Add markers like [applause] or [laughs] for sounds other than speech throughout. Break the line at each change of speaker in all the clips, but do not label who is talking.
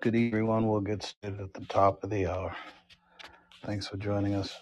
Good evening, everyone. We'll get started at the top of the hour. Thanks for joining us.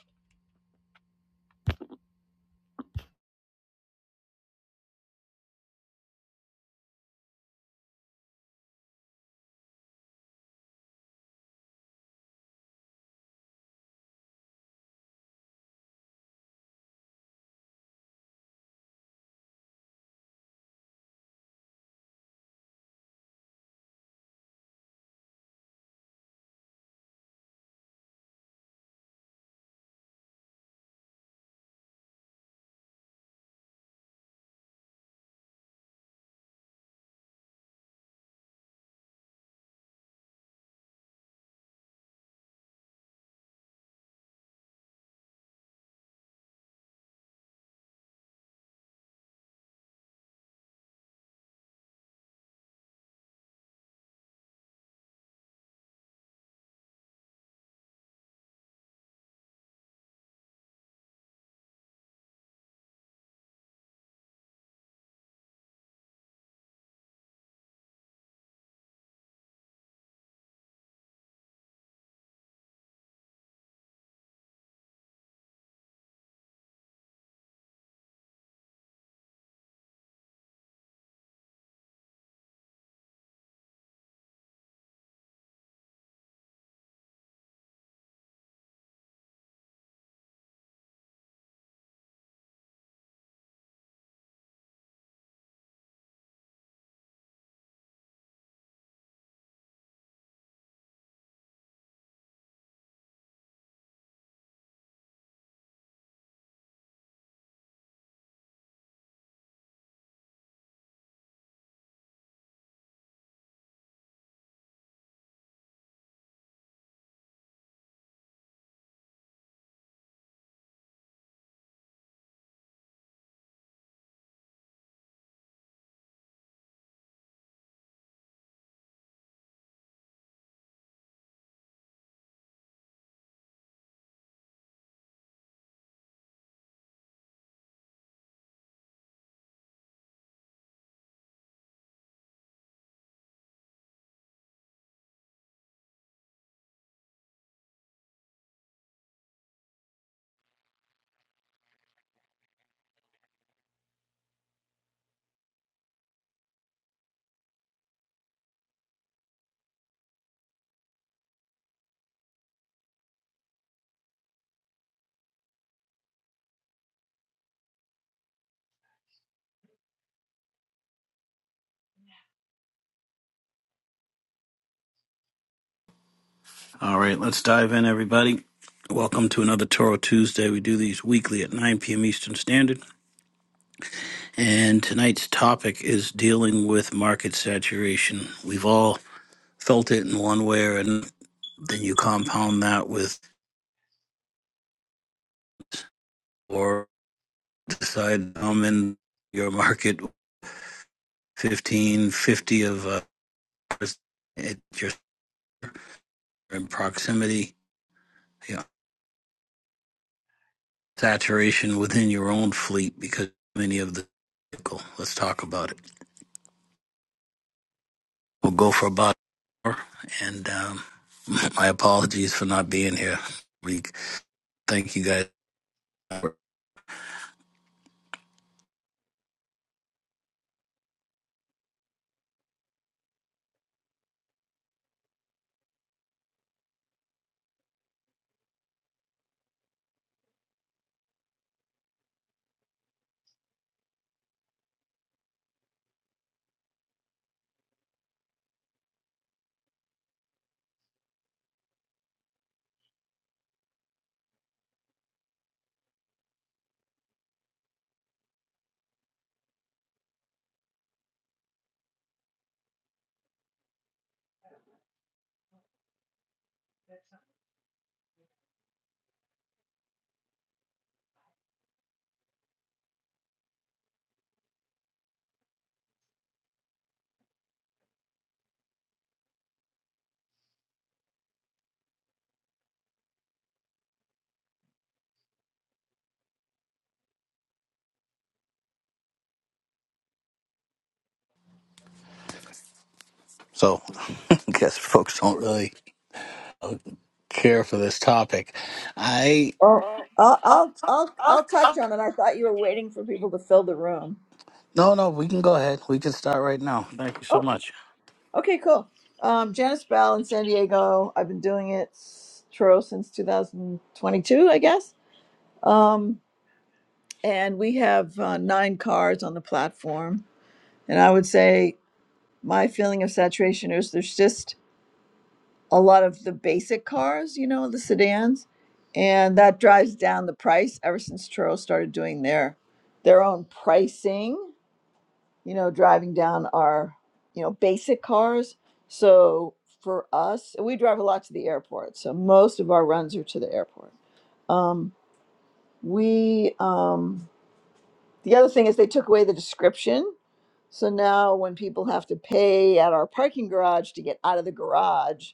All right, let's dive in, everybody. Welcome to another Toro Tuesday. We do these weekly at 9 p.m. Eastern Standard. And tonight's topic is dealing with market saturation. We've all felt it in one way or another. Then you compound that with or decide I'm in your market 15, 50 of uh, at your in proximity. saturation within your own fleet because many of the vehicle. Let's talk about it. We'll go for about an hour, and um, [laughs] my apologies for not being here. We thank you guys.
That's not. what
So, [laughs] I guess folks don't really care for this topic. I
Oh, I'll, I'll, I'll, I'll touch on it. I thought you were waiting for people to fill the room.
no, no, we can go ahead. We can start right now. Thank you so
Oh,
much.
okay, cool. Um, Janice Bell in San Diego. I've been doing it, Tro, since 2022, I guess. Um, and we have uh, nine cars on the platform. And I would say my feeling of saturation is there's just a lot of the basic cars, you know, the sedans, and that drives down the price ever since Turo started doing their their own pricing you know, driving down our, you know, basic cars. So for us, we drive a lot to the airport. So most of our runs are to the airport. Um, we, um, the other thing is they took away the description. So now when people have to pay at our parking garage to get out of the garage,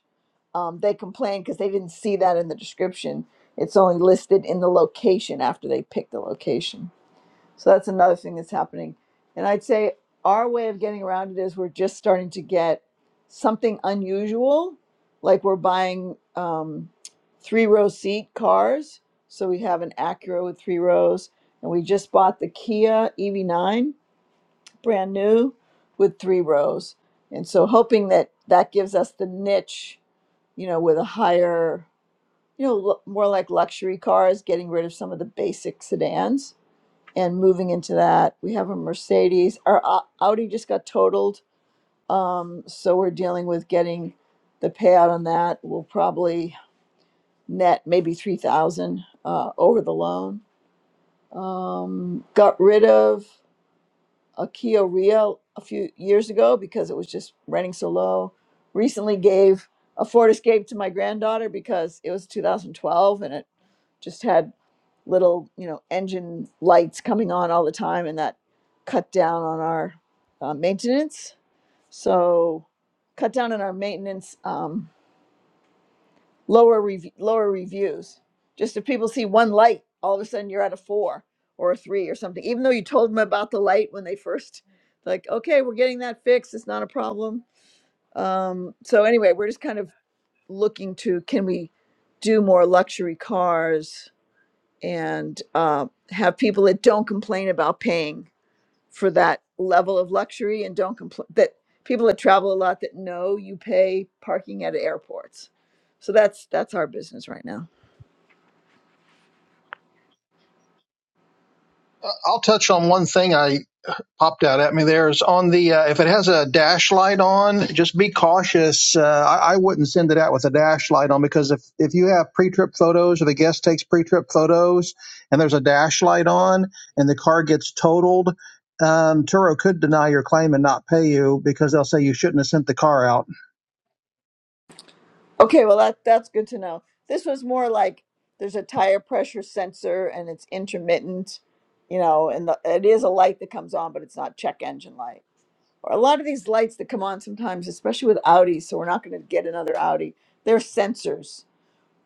um, they complain because they didn't see that in the description. It's only listed in the location after they pick the location. So that's another thing that's happening. And I'd say our way of getting around it is we're just starting to get something unusual, like we're buying um, three row seat cars. So we have an Acura with three rows, and we just bought the Kia EV9, brand new, with three rows. And so hoping that that gives us the niche, you know, with a higher, you know, lu- more like luxury cars, getting rid of some of the basic sedans and moving into that. We have a Mercedes. Our Au- Audi just got totaled, um, so we're dealing with getting the payout on that. We'll probably net maybe three thousand uh, over the loan. Um, got rid of a Kia Rio a few years ago because it was just renting so low. Recently gave a Ford Escape to my granddaughter because it was 2012 and it just had little you know engine lights coming on all the time and that cut down on our uh, maintenance so cut down on our maintenance um, lower rev- lower reviews just if people see one light all of a sudden you're at a four or a three or something even though you told them about the light when they first like okay we're getting that fixed it's not a problem um, so anyway we're just kind of looking to can we do more luxury cars and uh, have people that don't complain about paying for that level of luxury and don't complain that people that travel a lot that know you pay parking at airports. So that's that's our business right now.
I'll touch on one thing I popped out at me there is on the uh, if it has a dash light on, just be cautious. Uh, I, I wouldn't send it out with a dash light on because if if you have pre-trip photos or the guest takes pre-trip photos and there's a dash light on and the car gets totaled. Um, Turo could deny your claim and not pay you because they'll say you shouldn't have sent the car out.
Okay, well that that's good to know. This was more like there's a tire pressure sensor and it's intermittent, you know, and the, it is a light that comes on, but it's not check engine light. Or a lot of these lights that come on sometimes, especially with Audi, so we're not going to get another Audi. They're sensors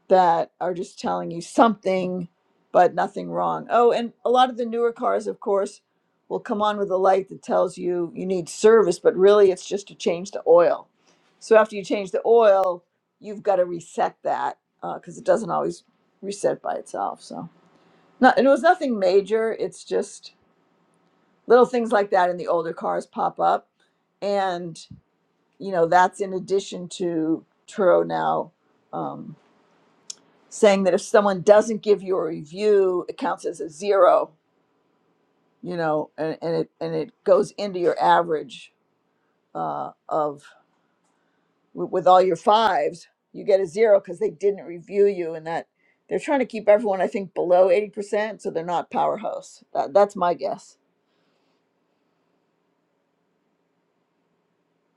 that are just telling you something but nothing wrong. Oh, and a lot of the newer cars, of course, will come on with a light that tells you you need service, but really it's just to change the oil. So after you change the oil, you've got to reset that because it doesn't always reset by itself. So not, and it was nothing major. It's just little things like that in the older cars pop up. And, you know, that's in addition to Turo now. Um, saying that if someone doesn't give you a review, it counts as a zero, you know, and, and it and it goes into your average uh, of with with all your fives, you get a zero because they didn't review you, and that they're trying to keep everyone, I think, below eighty percent, so they're not powerhouse. That, that's my guess.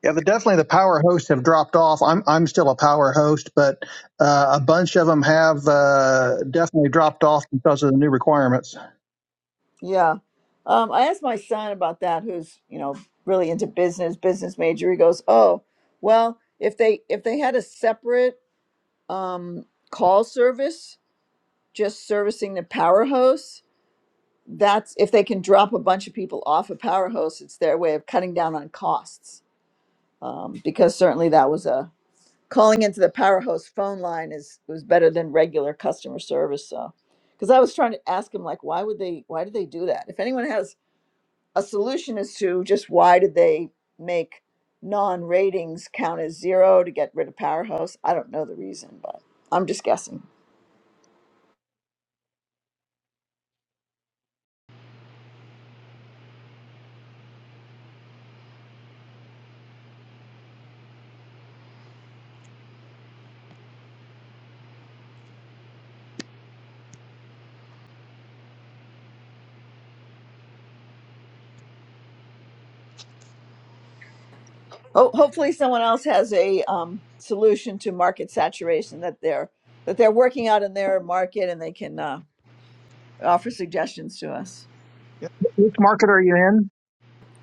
Yeah, but definitely the power hosts have dropped off. I'm I'm still a power host, but uh, a bunch of them have uh, definitely dropped off because of the new requirements.
Yeah, um, I asked my son about that, who's you know really into business, business major. He goes, "Oh, well, if they if they had a separate um, call service." just servicing the power hose that's if they can drop a bunch of people off a power hose it's their way of cutting down on costs um, because certainly that was a calling into the power hose phone line is was better than regular customer service so because i was trying to ask him like why would they why did they do that if anyone has a solution as to just why did they make non-ratings count as zero to get rid of power hose i don't know the reason but i'm just guessing Ho- hopefully, someone else has a um, solution to market saturation that they're that they're working out in their market, and they can uh, offer suggestions to us.
Yeah. Which market are you in?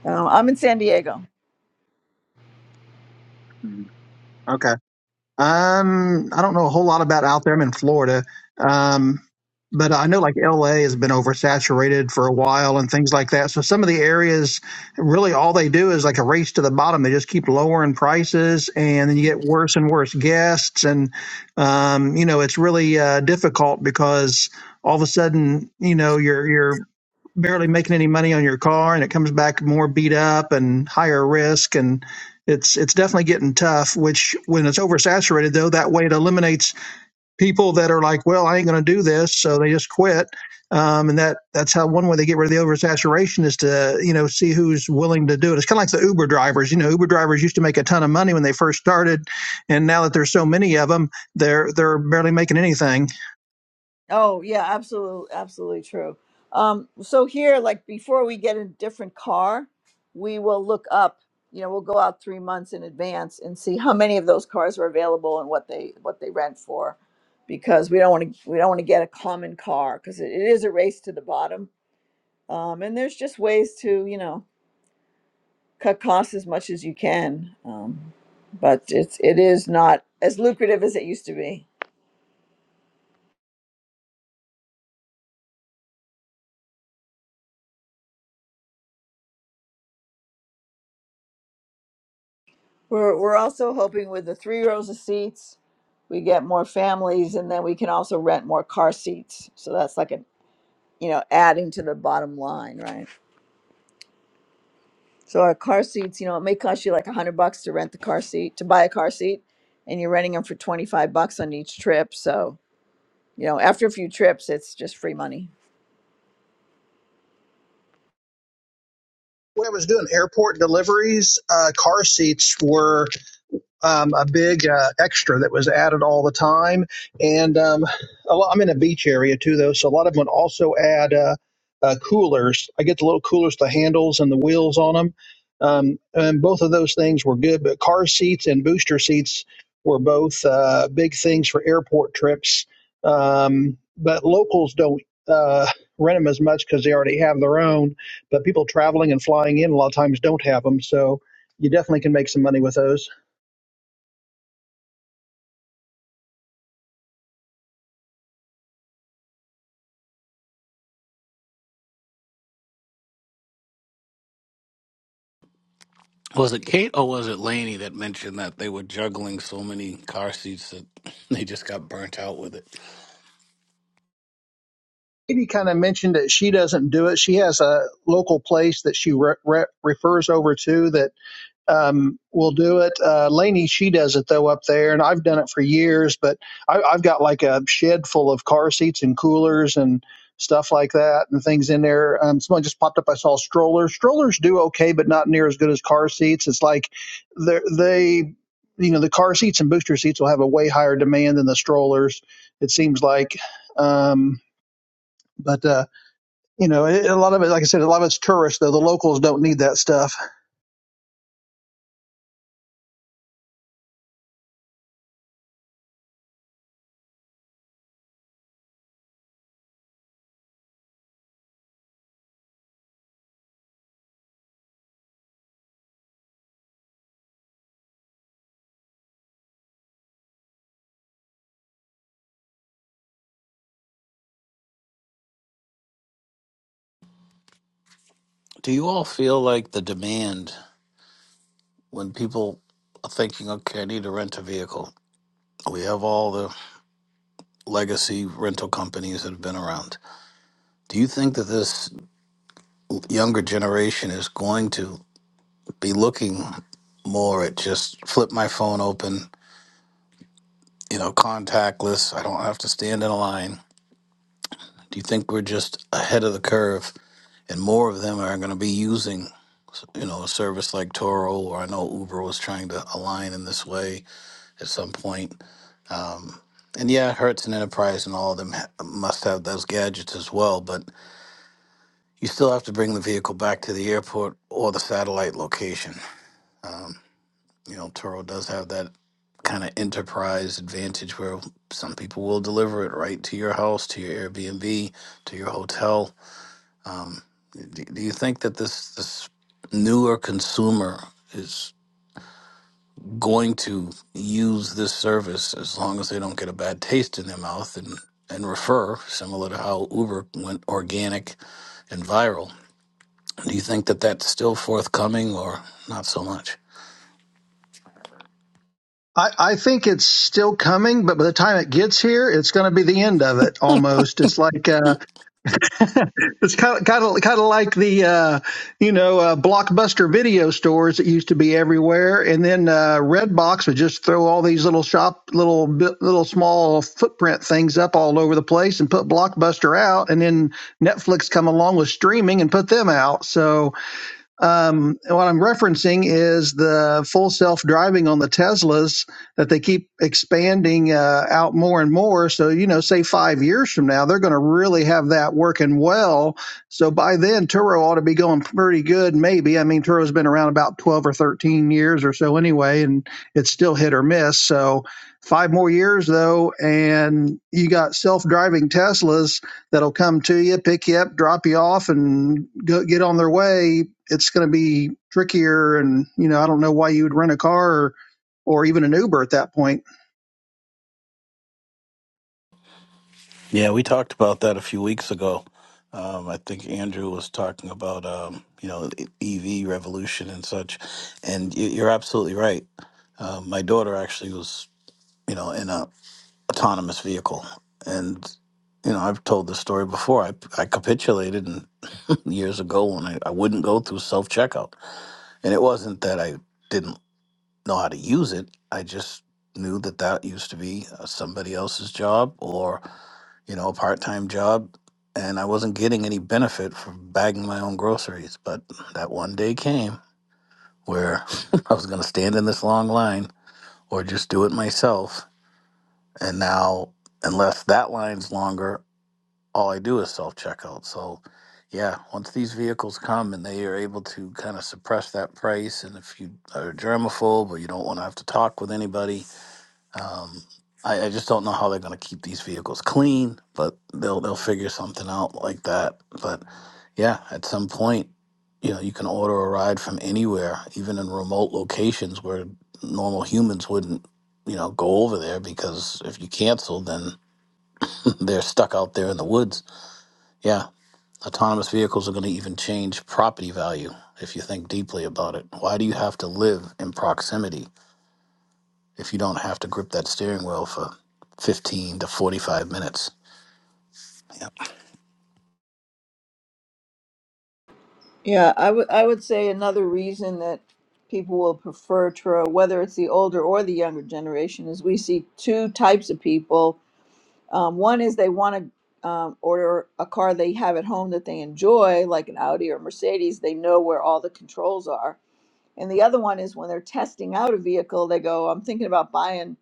Um, I'm in San Diego.
Mm, Okay. Um, I don't know a whole lot about out there. I'm in Florida. Um, but I know like LA has been oversaturated for a while and things like that. So some of the areas really all they do is like a race to the bottom. They just keep lowering prices and then you get worse and worse guests. And, um, you know, it's really, uh, difficult because all of a sudden, you know, you're, you're, barely making any money on your car and it comes back more beat up and higher risk and it's it's definitely getting tough which when it's oversaturated though that way it eliminates people that are like well i ain't going to do this so they just quit um, and that that's how one way they get rid of the oversaturation is to you know see who's willing to do it it's kind of like the uber drivers you know uber drivers used to make a ton of money when they first started and now that there's so many of them they're they're barely making anything
Oh yeah, absolutely, absolutely true. Um, so here, like before we get a different car, we will look up. You know, we'll go out three months in advance and see how many of those cars are available and what they what they rent for, because we don't want to we don't want to get a common car because it, it is a race to the bottom Um, and there's just ways to, you know, cut costs as much as you can. Um, but it's it is not as lucrative as it used to be. We're we're also hoping with the three rows of seats, we get more families, and then we can also rent more car seats. So that's like a you know adding to the bottom line, right? So our car seats, you know, it may cost you like a hundred bucks to rent the car seat to buy a car seat, and you're renting them for twenty five bucks on each trip. So you know, after a few trips, it's just free money.
when i was doing airport deliveries uh, car seats were um, a big uh, extra that was added all the time. And um, a lot, I'm in a beach area too, though, so a lot of them would also add uh, uh, coolers. I get the little coolers, the handles and the wheels on them. Um, and both of those things were good, but car seats and booster seats were both uh, big things for airport trips. Um, but locals don't uh, rent them as much because they already have their own. But people traveling and flying in a lot of times don't have them, so you definitely can make some money with those.
Was it Kate or was it Laney that mentioned that they were juggling so many car seats that [laughs] they just got burnt out with it?
Katie kind of mentioned that she doesn't do it. She has a local place that she re- re- refers over to that um, will do it. Uh, Lainey, she does it though up there, and I've done it for years. But I, I've got like a shed full of car seats and coolers and stuff like that, and things in there. Um, someone just popped up. I saw strollers. Strollers do okay, but not near as good as car seats. It's like they're- they, you know, the car seats and booster seats will have a way higher demand than the strollers. It seems like. Um, but uh, you know, it, a lot of it, like I said, a lot of it's tourists. Though the locals don't need that stuff.
Do you all feel like the demand when people are thinking, okay, I need to rent a vehicle? We have all the legacy rental companies that have been around. Do you think that this younger generation is going to be looking more at just flip my phone open, you know, contactless? I don't have to stand in a line. Do you think we're just ahead of the curve and more of them are going to be using, you know, a service like Toro or I know Uber was trying to align in this way? at some point. Um, and yeah, Hertz and Enterprise and all of them ha- must have those gadgets as well, but you still have to bring the vehicle back to the airport or the satellite location. Um, you know, Turo does have that kind of enterprise advantage where some people will deliver it right to your house, to your Airbnb, to your hotel. Um, do, do you think that this this newer consumer is going to use this service as long as they don't get a bad taste in their mouth and, and refer, similar to how Uber went organic and viral. Do you think that that's still forthcoming or not so much?
I, I think it's still coming, but by the time it gets here, it's going to be the end of it almost. It's like uh, [laughs] it's kind of kind of kind of like the uh, you know uh, blockbuster video stores that used to be everywhere, and then uh, Redbox would just throw all these little shop little bit- little small footprint things up all over the place and put Blockbuster out, and then Netflix come along with streaming and put them out. So um, what I'm referencing is the full self driving on the Teslas that they keep expanding uh, out more and more. So, you know, say five years from now, they're going to really have that working well. So by then, Turo ought to be going pretty good, maybe. I mean, Turo's been around about 12 or 13 years or so anyway, and it's still hit or miss. So, five more years though, and you got self driving Teslas that'll come to you, pick you up, drop you off, and go, get on their way it's going to be trickier. And, you know, I don't know why you would rent a car or, or even an Uber at that point
Yeah, we talked about that a few weeks ago. Um, I think Andrew was talking about um, you know the EV revolution and such, and you- you're absolutely right. Um, my daughter actually was you know in a autonomous vehicle. And you know, I've told this story before. I I capitulated and [laughs] years ago when I, I wouldn't go through self checkout, and it wasn't that I didn't know how to use it. I just knew that that used to be uh, somebody else's job or you know a part time job, and I wasn't getting any benefit from bagging my own groceries. But that one day came where [laughs] I was going to stand in this long line or just do it myself, and now unless that line's longer all I do is self checkout. So, yeah, once these vehicles come and they are able to kind of suppress that price, and if you are germaphobe or you don't want to have to talk with anybody, um, I, I just don't know how they're going to keep these vehicles clean, but they'll they'll figure something out like that. But yeah, at some point, you know, you can order a ride from anywhere, even in remote locations where normal humans wouldn't, you know, go over there because if you cancel, then [laughs] they're stuck out there in the woods. Yeah, Autonomous vehicles are going to even change property value if you think deeply about it. Why do you have to live in proximity if you don't have to grip that steering wheel for 15 to 45 minutes? Yeah,
Yeah, I would I would say another reason that people will prefer Turo, whether it's the older or the younger generation, is we see two types of people. Um, one is they want to um, order a car they have at home that they enjoy, like an Audi or Mercedes. They know where all the controls are. And the other one is when they're testing out a vehicle, they go, "I'm thinking about buying,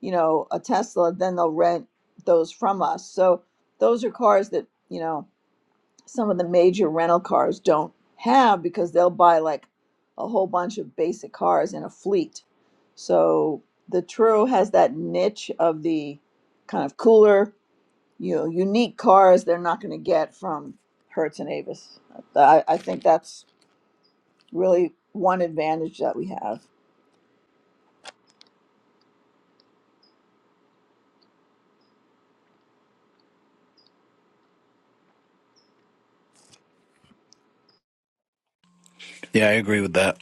you know, a Tesla." Then they'll rent those from us. So those are cars that you know some of the major rental cars don't have because they'll buy like a whole bunch of basic cars in a fleet. So the Truro has that niche of the kind of cooler, you know, unique cars they're not going to get from Hertz and Avis. I, I think that's really one advantage that we have.
yeah I agree with that.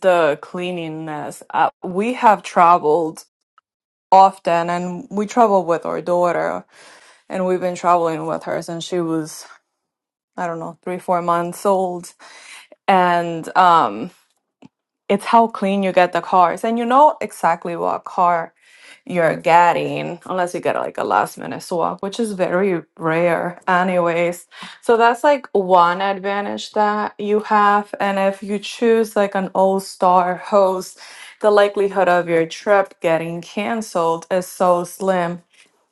the cleanliness. Uh, we have traveled often and we travel with our daughter and we've been traveling with her since she was, I don't know, three, four months old. And, um it's how clean you get the cars and you know exactly what car you're getting unless you get like a last minute swap which is very rare anyways so that's like one advantage that you have and if you choose like an all star host the likelihood of your trip getting canceled is so slim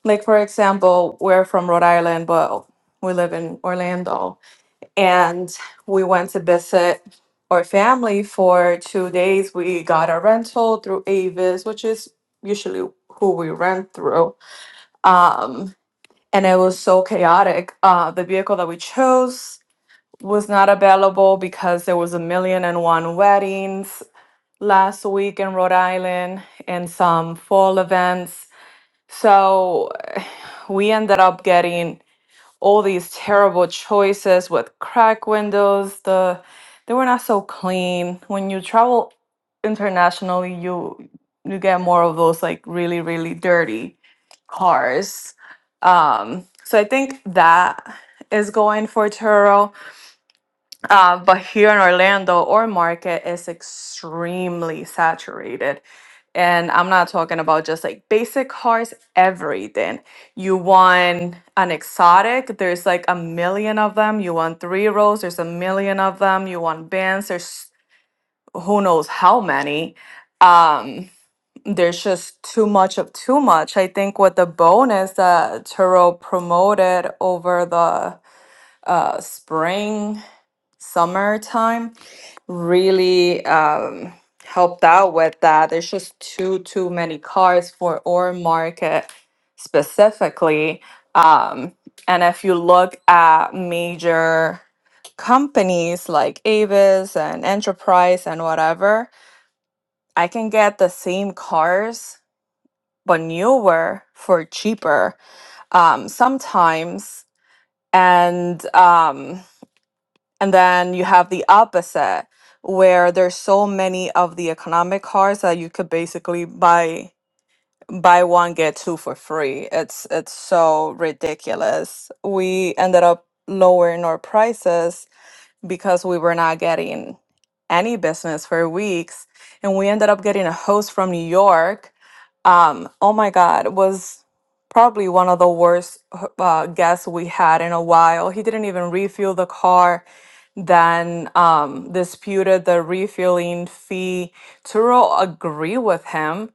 like for example we're from rhode island but we live in orlando and we went to visit our family for two days. We got a rental through Avis, which is usually who we rent through. Um, and it was so chaotic. Uh, the vehicle that we chose was not available because there was a million and one weddings last week in Rhode Island and some fall events. So [sighs] we ended up getting all these terrible choices with crack windows. The they were not so clean. When you travel internationally, you you get more of those like really really dirty cars. Um, so I think that is going for Turo uh, but here in Orlando, our market is extremely saturated. And I'm not talking about just like basic cars, everything. You want an exotic, there's like a million of them. You want three rows, there's a million of them. You want bands, there's who knows how many. Um, there's just too much of too much. I think with the bonus that Turo promoted over the uh, spring, summertime really um, helped out with that. There's just too too many cars for our market specifically. Um, and if you look at major companies like Avis and Enterprise and whatever, I can get the same cars but newer for cheaper um, sometimes. And um, and then you have the opposite, where there's so many of the economic cards that you could basically buy buy one get two for free. It's it's so ridiculous. We ended up lowering our prices because we were not getting any business for weeks, and we ended up getting a host from New York um oh my god was probably one of the worst uh, guests we had in a while he didn't even refuel the car then um disputed the refueling fee turo agree with him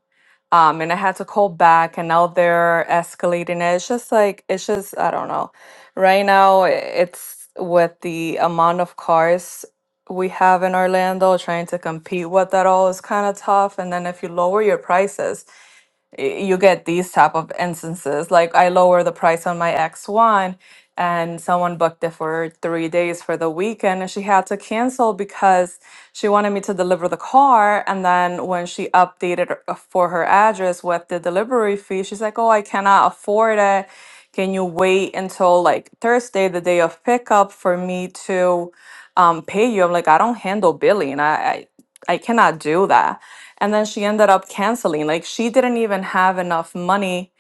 um and i had to call back and now they're escalating it it's just like it's just i don't know right now i- it's with the amount of cars we have in orlando trying to compete with that all is kind of tough and then if you lower your prices y- you get these type of instances like i lower the price on my x1 and someone booked it for three days for the weekend and she had to cancel because she wanted me to deliver the car and then when she updated her- uh, for her address with the delivery fee she's like oh i cannot afford it can you wait until like thursday the day of pickup for me to um, pay you i'm like i don't handle billing I I cannot do that. And then she ended up canceling. Like she didn't even have enough money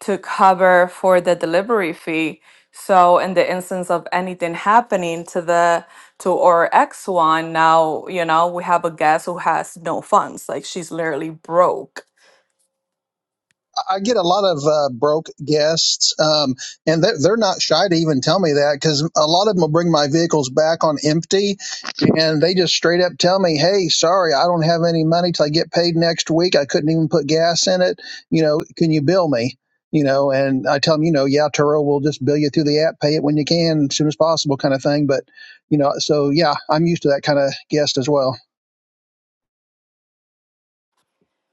to cover for the delivery fee. So in the instance of anything happening to the to our ex one, now you know we have a guest who has no funds. Like she's literally broke.
I get a lot of uh, broke guests, um, and they're, they're not shy to even tell me that because a lot of them will bring my vehicles back on empty, and they just straight up tell me, "Hey, sorry, I don't have any money till I get paid next week. I couldn't even put gas in it. You know, can you bill me?" You know, and I tell them, you know, yeah, Turo will just bill you through the app, pay it when you can, as soon as possible, kind of thing. But you know, so yeah, I'm used to that kind of guest as well.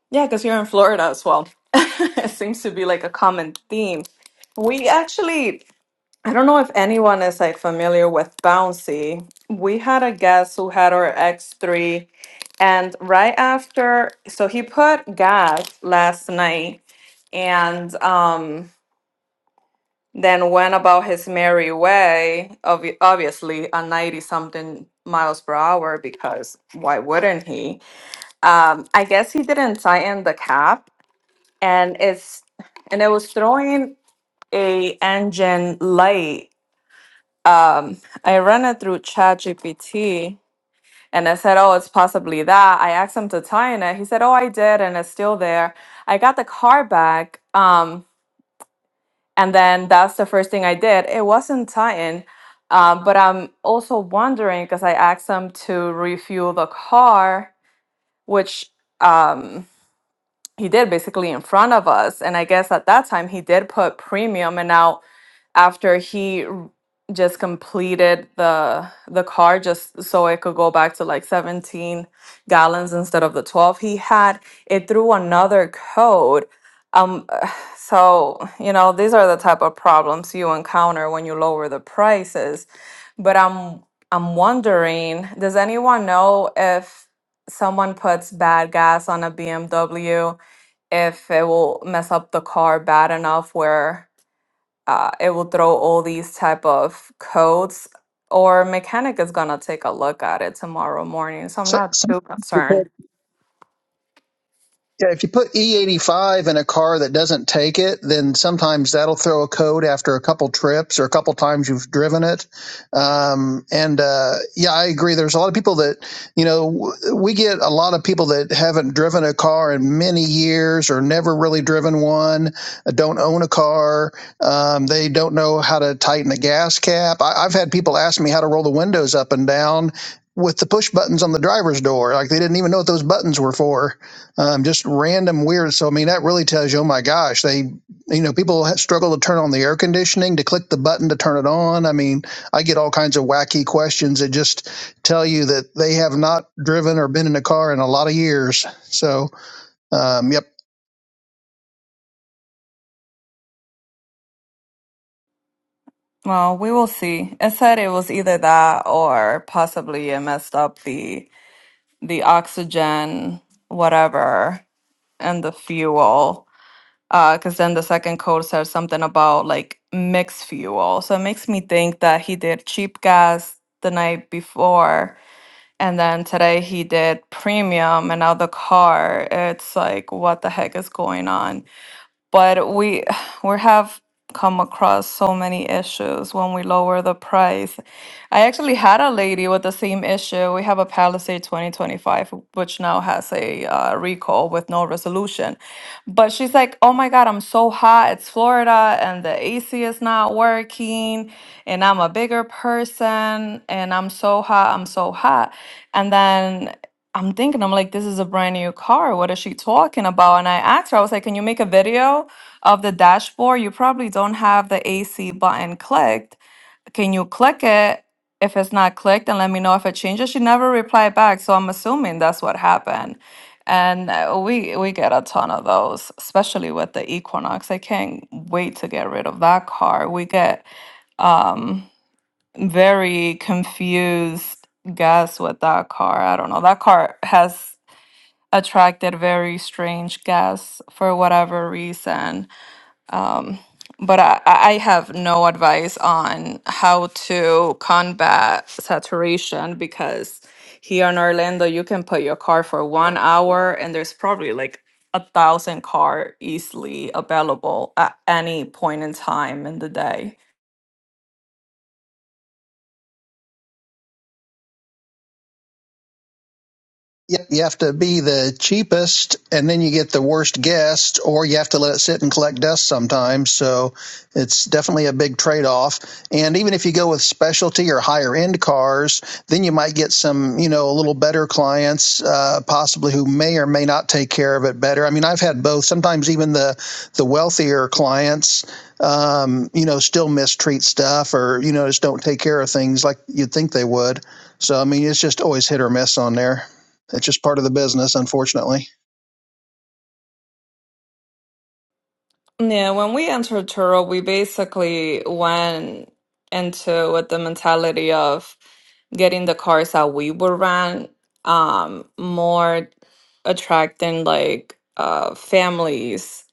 Yeah, because you're in Florida as well. [laughs] it seems to be like a common theme. We actually I don't know if anyone is like familiar with Bouncy. We had a guest who had our X3, and right after, so he put gas last night and um, then went about his merry way, obvi- obviously a 90 something miles per hour because why wouldn't he? Um, I guess he didn't tighten the cap and it's and it was throwing a engine light um, I ran it through ChatGPT and I said, Oh, it's possibly that. I asked him to tie in it. He said, Oh, I did, and it's still there. I got the car back. Um, and then that's the first thing I did. It wasn't tying. Um, but I'm also wondering because I asked him to refuel the car, which um, he did basically in front of us. And I guess at that time he did put premium, and now after he r- just completed the the car just so it could go back to like 17 gallons instead of the 12 he had it threw another code um [sighs] so you know these are the type of problems you encounter when you lower the prices but i'm i'm wondering does anyone know if someone puts bad gas on a bmw if it will mess up the car bad enough where uh, it will throw all these type of codes or mechanic is gonna take a look at it tomorrow morning so i'm
So,
not
some
too concerned
Yeah, if you put E85 in a car that doesn't take it, then sometimes that'll throw a code after a couple trips or a couple times you've driven it. Um, and uh, yeah, I agree. There's a lot of people that, you know, we get a lot of people that haven't driven a car in many years or never really driven one, uh, don't own a car. Um, they don't know how to tighten the gas cap. I, I've had people ask me how to roll the windows up and down with the push buttons on the driver's door. Like they didn't even know what those buttons were for um, just random weird. So I mean, that really tells you, oh my gosh, they, you know, people struggle to turn on the air conditioning, to click the button to turn it on. I mean, I get all kinds of wacky questions that just tell you that they have not driven or been in a car in a lot of years. So, um, yep,
well we will see it said it was either that or possibly it messed up the the oxygen whatever and the fuel Uh, because then the second code says something about like mixed fuel so it makes me think that he did cheap gas the night before And then today he did premium, and now the car. It's like, what the heck is going on? but we we have come across so many issues when we lower the price. I actually had a lady with the same issue. We have a Palisade 2025 which now has a uh, recall with no resolution. But she's like, "Oh my god, I'm so hot. It's Florida and the AC is not working and I'm a bigger person and I'm so hot, I'm so hot." And then I'm thinking, I'm like, this is a brand new car. What is she talking about? And I asked her, I was like, can you make a video of the dashboard? You probably don't have the AC button clicked. Can you click it? If it's not clicked, and let me know if it changes. She never replied back, so I'm assuming that's what happened. And uh, we we get a ton of those, especially with the Equinox. I can't wait to get rid of that car. We get very confused guess with that car. I don't know. That car has attracted very strange guests for whatever reason. Um, but I, I I have no advice on how to combat saturation because here in Orlando, you can put your car for one hour and there's probably like a thousand car easily available at any point in time in the day.
Yep, you have to be the cheapest, and then you get the worst guest, or you have to let it sit and collect dust sometimes. So it's definitely a big trade off. And even if you go with specialty or higher end cars, then you might get some, you know, a little better clients, uh, possibly who may or may not take care of it better. I mean, I've had both. Sometimes even the the wealthier clients, um, you know, still mistreat stuff, or you know, just don't take care of things like you'd think they would. So I mean, it's just always hit or miss on there. It's just part of the business, unfortunately.
Yeah, when we entered Turo, we basically went into with the mentality of getting the cars that we would rent, um, more attracting like uh families.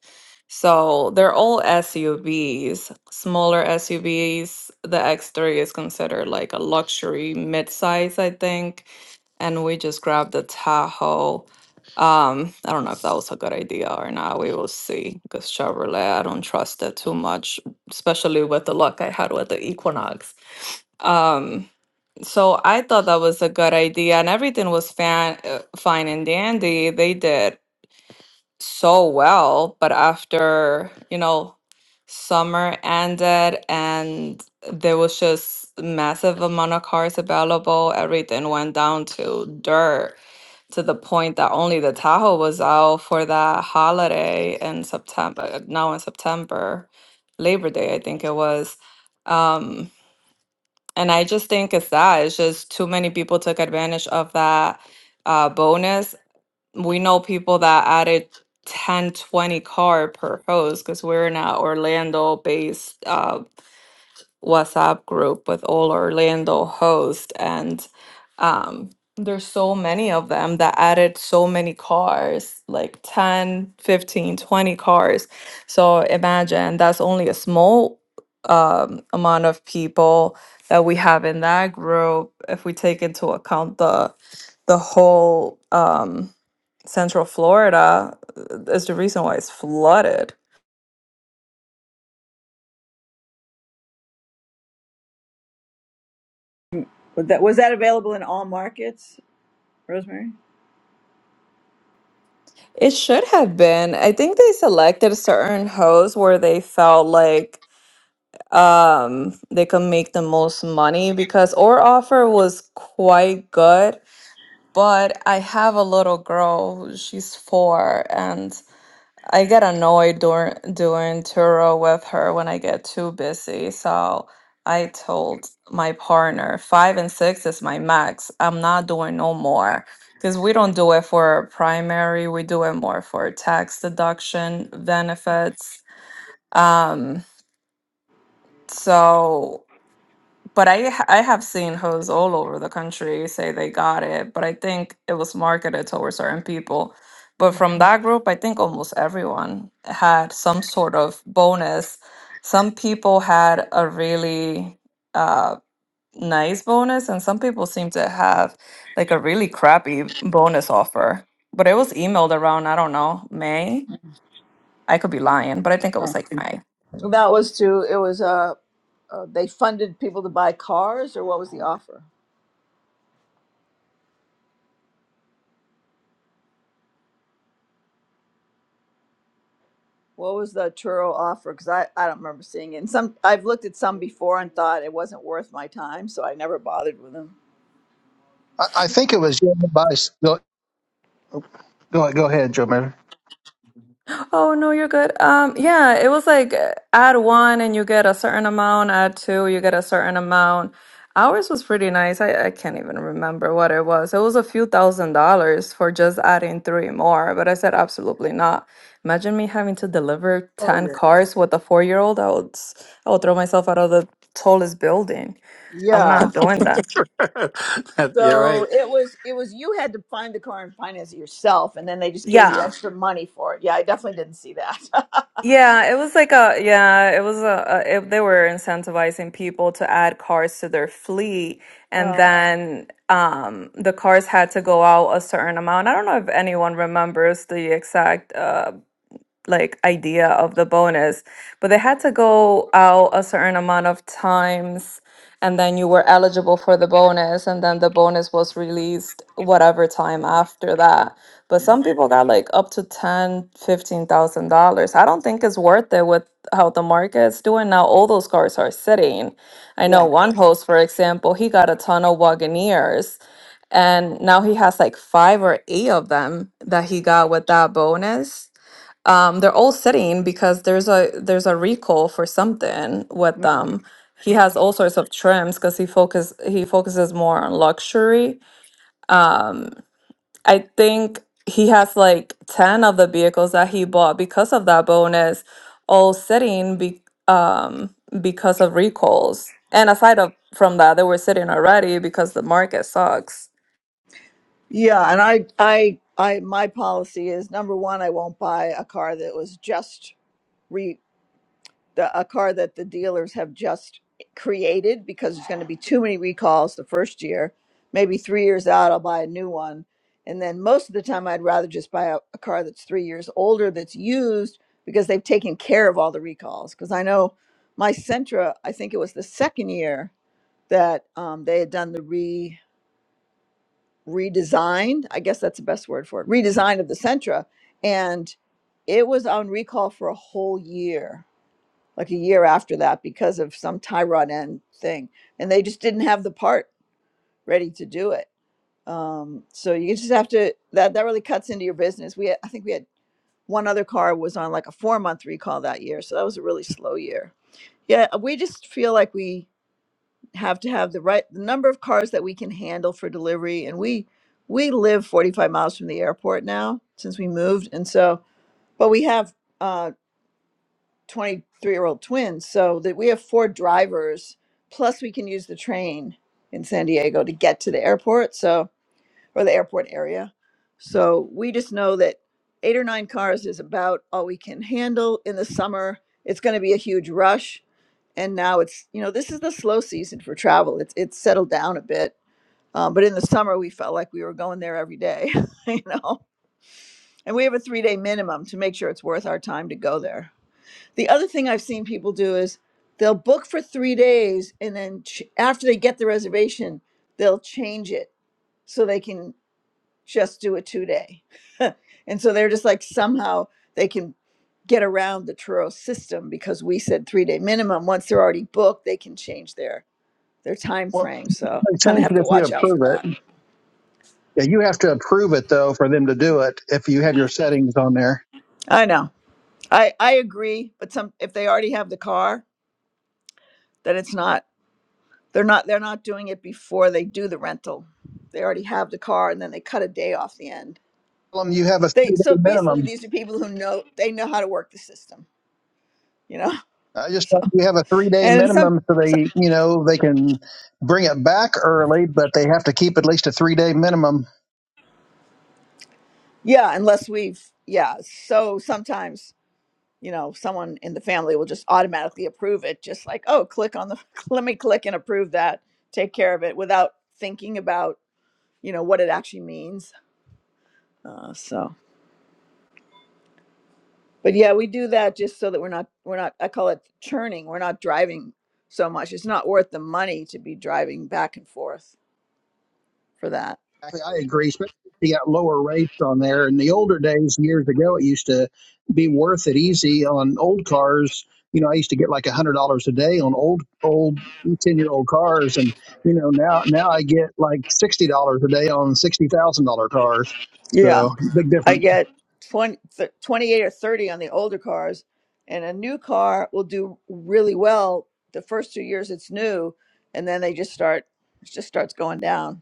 So they're all SUVs, smaller SUVs. The X3 is considered like a luxury midsize, I think. And we just grabbed the Tahoe um, I don't know if that was a good idea or not. We will see. Because Chevrolet, I don't trust it too much, especially with the luck I had with the Equinox. Um, so I thought that was a good idea, and everything was fan uh, fine and dandy. They did so well, but after you know, summer ended, and there was just massive amount of cars available. Everything went down to dirt to the point that only the Tahoe was out for that holiday in September, uh, now in September, Labor Day, I think it was. Um, and I just think it's that. It's just too many people took advantage of that uh, bonus. We know people that added 10, 20 car per host because we're in a Orlando based uh, WhatsApp group with all Orlando hosts, and um, there's so many of them that added so many cars, like 10, 15, 20 cars. So imagine that's only a small um, amount of people that we have in that group if we take into account the the whole um, Central Florida uh, is the reason why it's flooded.
Was that was that available in all markets, Rosemary?
It should have been. I think they selected certain hosts where they felt like um they could make the most money because our offer was quite good. But I have a little girl, she's four, and I get annoyed during doing Turo with her when I get too busy. So I told my partner five and six is my max. I'm not doing no more because we don't do it for primary. We do it more for tax deduction benefits. Um, so but I ha- I have seen hoes all over the country say they got it, but I think it was marketed towards certain people. But from that group, I think almost everyone had some sort of bonus. Some people had a really uh, nice bonus, and some people seem to have like a really crappy bonus offer. But it was emailed around, I don't know, May. I could be lying, but I think it was
Oh.
like May.
That was to it was uh, uh they funded people to buy cars or what was the offer? What was the Turo offer? Because I, I don't remember seeing it. And some I've looked at some before and thought it wasn't worth my time, so I never bothered with them.
I, I think it was Joe Bice. Go, go, go ahead, Joe Mayor.
Oh no, you're good. Um, yeah, it was like uh, add one and you get a certain amount, add two, you get a certain amount. Ours was pretty nice. I, I can't even remember what it was. It was a few thousand dollars for just adding three more, but I said absolutely not. Imagine me having to deliver
Oh
10
yeah.
cars with a four-year-old. I would s- I would throw myself out of the tallest building. I'm
Yeah.
not doing that.
[laughs] That- You're
So
right.
it was it was you had to find the car and finance it yourself, and then they just gave you
Yeah.
extra money for it. Yeah, I definitely didn't see that. [laughs]
Yeah, it was like a yeah, it was a, a it, they were incentivizing people to add cars to their fleet, and
Uh,
then um the cars had to go out a certain amount. I don't know if anyone remembers the exact uh like idea of the bonus, but they had to go out a certain amount of times and then you were eligible for the bonus and then the bonus was released whatever time after that. But some people got like up to ten, fifteen thousand dollars. I don't think it's worth it with how the market's doing now. All those cars are sitting. I know
yeah.
one host, for example, he got a ton of Wagoneers and now he has like five or eight of them that he got with that bonus um, they're all sitting because there's a there's a recall for something with
Mm.
them. He has all sorts of trims because he focus he focuses more on luxury. Um, I think he has like ten of the vehicles that he bought because of that bonus, all sitting be, um, because of recalls. And aside of from that, they were sitting already because the market sucks.
Yeah, and I I I my policy is number one, I won't buy a car that was just re. the, a car that the dealers have just created because there's going to be too many recalls the first year. Maybe three years out, I'll buy a new one. And then most of the time, I'd rather just buy a, a car that's three years older that's used because they've taken care of all the recalls. Because I know my Sentra, I think it was the second year that um, they had done the re redesigned. I guess that's the best word for it redesign of the Sentra. And it was on recall for a whole year like a year after that because of some tie rod end thing, and they just didn't have the part ready to do it. Um, so you just have to that that really cuts into your business. We had, I think we had one other car was on like a four month recall that year, so that was a really slow year. Yeah, uh, we just feel like we have to have the right the number of cars that we can handle for delivery, and we we live 45 miles from the airport now since we moved, and so but we have uh 23 year old twins so that we have four drivers plus we can use the train in san diego to get to the airport so or the airport area so we just know that eight or nine cars is about all we can handle in the summer it's going to be a huge rush and now it's you know this is the slow season for travel it's it's settled down a bit um, but in the summer we felt like we were going there every day [laughs] you know and we have a three day minimum to make sure it's worth our time to go there the other thing I've seen people do is they'll book for three days and then ch- after they get the reservation, they'll change it so they can just do a two day. [laughs] and so they're just like somehow they can get around the Turo system because we said three day minimum. Once they're already booked, they can change their their time
Well,
frame. So
they
kind of
change it
have to
if you
watch out for
approve
that.
it. Yeah, you have to approve it though for them to do it. If you have your settings on there,
I know. I I agree, but some if they already have the car, then it's not. They're not they're not doing it before they do the rental. They already have the car and then they cut a day off the end.
tell them you have a
They
three day
so basically
minimum.
these are people who know they know how to work the system, you know? [laughs]
I just
So
tell them you have a three day
and in some,
minimum, so
some
they you know they can bring it back early, but they have to keep at least a three day minimum.
yeah, unless we've yeah, so sometimes you know, someone in the family will just automatically approve it, just like, oh, click on the, [laughs] let me click and approve that, take care of it without thinking about, you know, what it actually means. Uh, so, But yeah, we do that just so that we're not we're not I call it churning. We're not driving so much. It's not worth the money to be driving back and forth for that.
Exactly, I agree. Especially if you got lower rates on there. In the older days, years ago, it used to be worth it easy on old cars. You know, I used to get like a hundred dollars a day on old, old ten year old cars, and you know now now I get like sixty dollars a day on sixty thousand dollar cars.
Yeah,
So big
I
difference.
get 20, th- 28 or 30 on the older cars and a new car will do really well the first 2 years it's new and then they just start it just starts going down.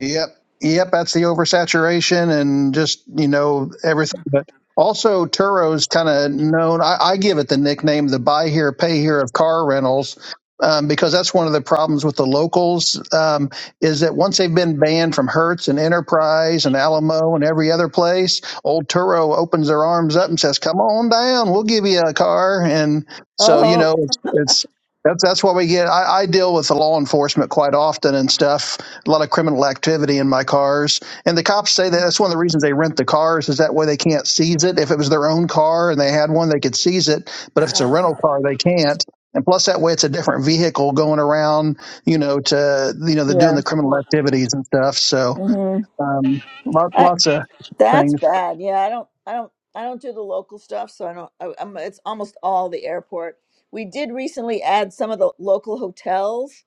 Yep. Yep. That's the oversaturation and just, you know, everything. But also, Turo's kind of known. I, I give it the nickname the buy here, pay here of car rentals. Um, because that's one of the problems with the locals um, is that once they've been banned from Hertz and Enterprise and Alamo and every other place, old Turo opens their arms up and says, "Come on down, we'll give you a car." And so you
Oh.
know, it's, it's that's that's what we get. I, I deal with the law enforcement quite often and stuff, a lot of criminal activity in my cars. And the cops say that that's one of the reasons they rent the cars is that way they can't seize it. If it was their own car and they had one, they could seize it. But if it's a rental car, they can't. And plus, that way it's a different vehicle going around, you know, to you know, the doing
Yeah.
the criminal activities and stuff. So,
hmm
um, lot, lots of
That's
things.
bad. Yeah, I don't, I don't, I don't do the local stuff, so I don't. I, I'm, it's almost all the airport. We did recently add some of the local hotels,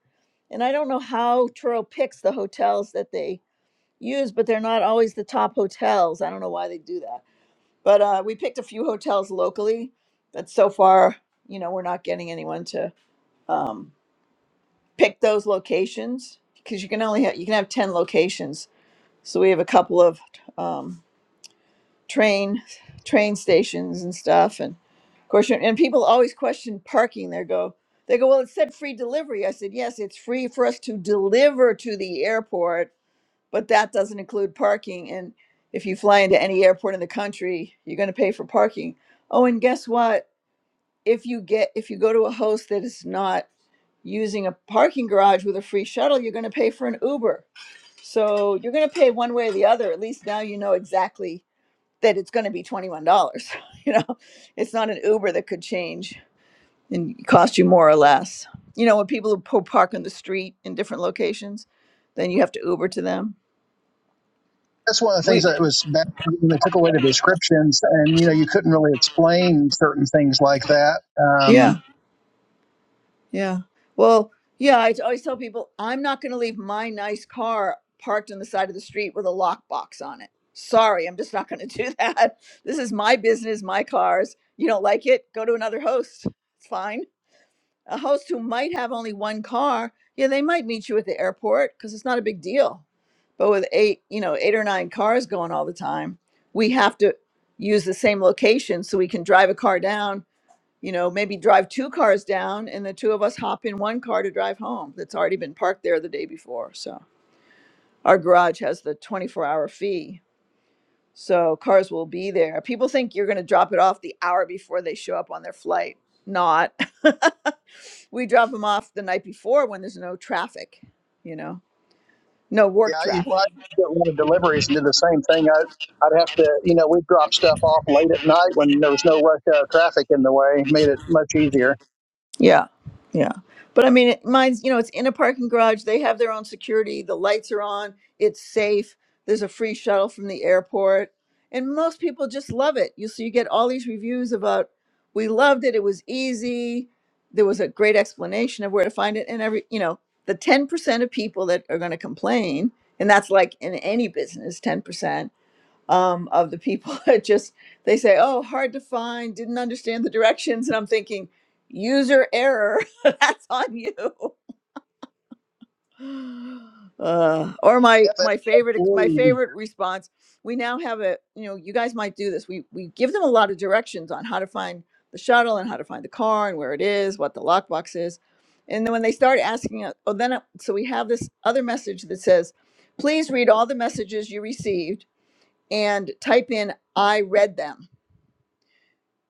and I don't know how Turo picks the hotels that they use, but they're not always the top hotels. I don't know why they do that. But uh, we picked a few hotels locally, but so far, you know, we're not getting anyone to um, pick those locations because you can only have, you can have ten locations. So we have a couple of. Um, train train stations and stuff and of course you and people always question parking they go they go well it said free delivery i said yes it's free for us to deliver to the airport but that doesn't include parking and if you fly into any airport in the country you're going to pay for parking oh and guess what if you get if you go to a host that is not using a parking garage with a free shuttle you're going to pay for an uber so you're going to pay one way or the other at least now you know exactly that it's going to be $21 [laughs] you know it's not an uber that could change and cost you more or less you know when people who po- park on the street in different locations then you have to uber to them
That's one of the things
we
that was bad when they took away the descriptions, and you know, you couldn't really explain certain things like that. Um,
yeah yeah well yeah i always tell people i'm not going to leave my nice car parked on the side of the street with a lockbox on it sorry i'm just not going to do that [laughs] this is my business my cars you don't like it go to another host it's fine a host who might have only one car, yeah, they might meet you at the airport because it's not a big deal. But with eight, you know, eight or nine cars going all the time, we have to use the same location so we can drive a car down, you know, maybe drive two cars down and the two of us hop in one car to drive home that's already been parked there the day before. So our garage has the 24 hour fee. So cars will be there. People think you're going to drop it off the hour before they show up on their flight. Not. [laughs] we drop them off the night before when there's no traffic, you know, no
Yeah,
work
I, when
traffic.
I do a lot of deliveries and do the same thing, I, I'd have to, you know, we'd drop stuff off late at night when there was no rush hour traffic in the way, made it much easier.
Yeah, yeah. But I mean, it- mine's, you know, it's in a parking garage. They have their own security. The lights are on. It's safe. There's a free shuttle from the airport. And most people just love it. You so you get all these reviews about we loved it. It was easy. There was a great explanation of where to find it and every, you know, the 10% of people that are going to complain, and that's like in any business, 10% um, of the people [laughs] that just they say, "Oh, hard to find, didn't understand the directions," and I'm thinking, user error. [laughs] That's on you. [sighs] Uh, or my
Yeah,
my favorite ex- my
but
favorite response. We now have a you know you guys might do this. We we give them a lot of directions on how to find the shuttle and how to find the car and where it is, what the lockbox is, and then when they start asking, uh, oh, then uh, so we have this other message that says, "Please read all the messages you received." and type in I read them.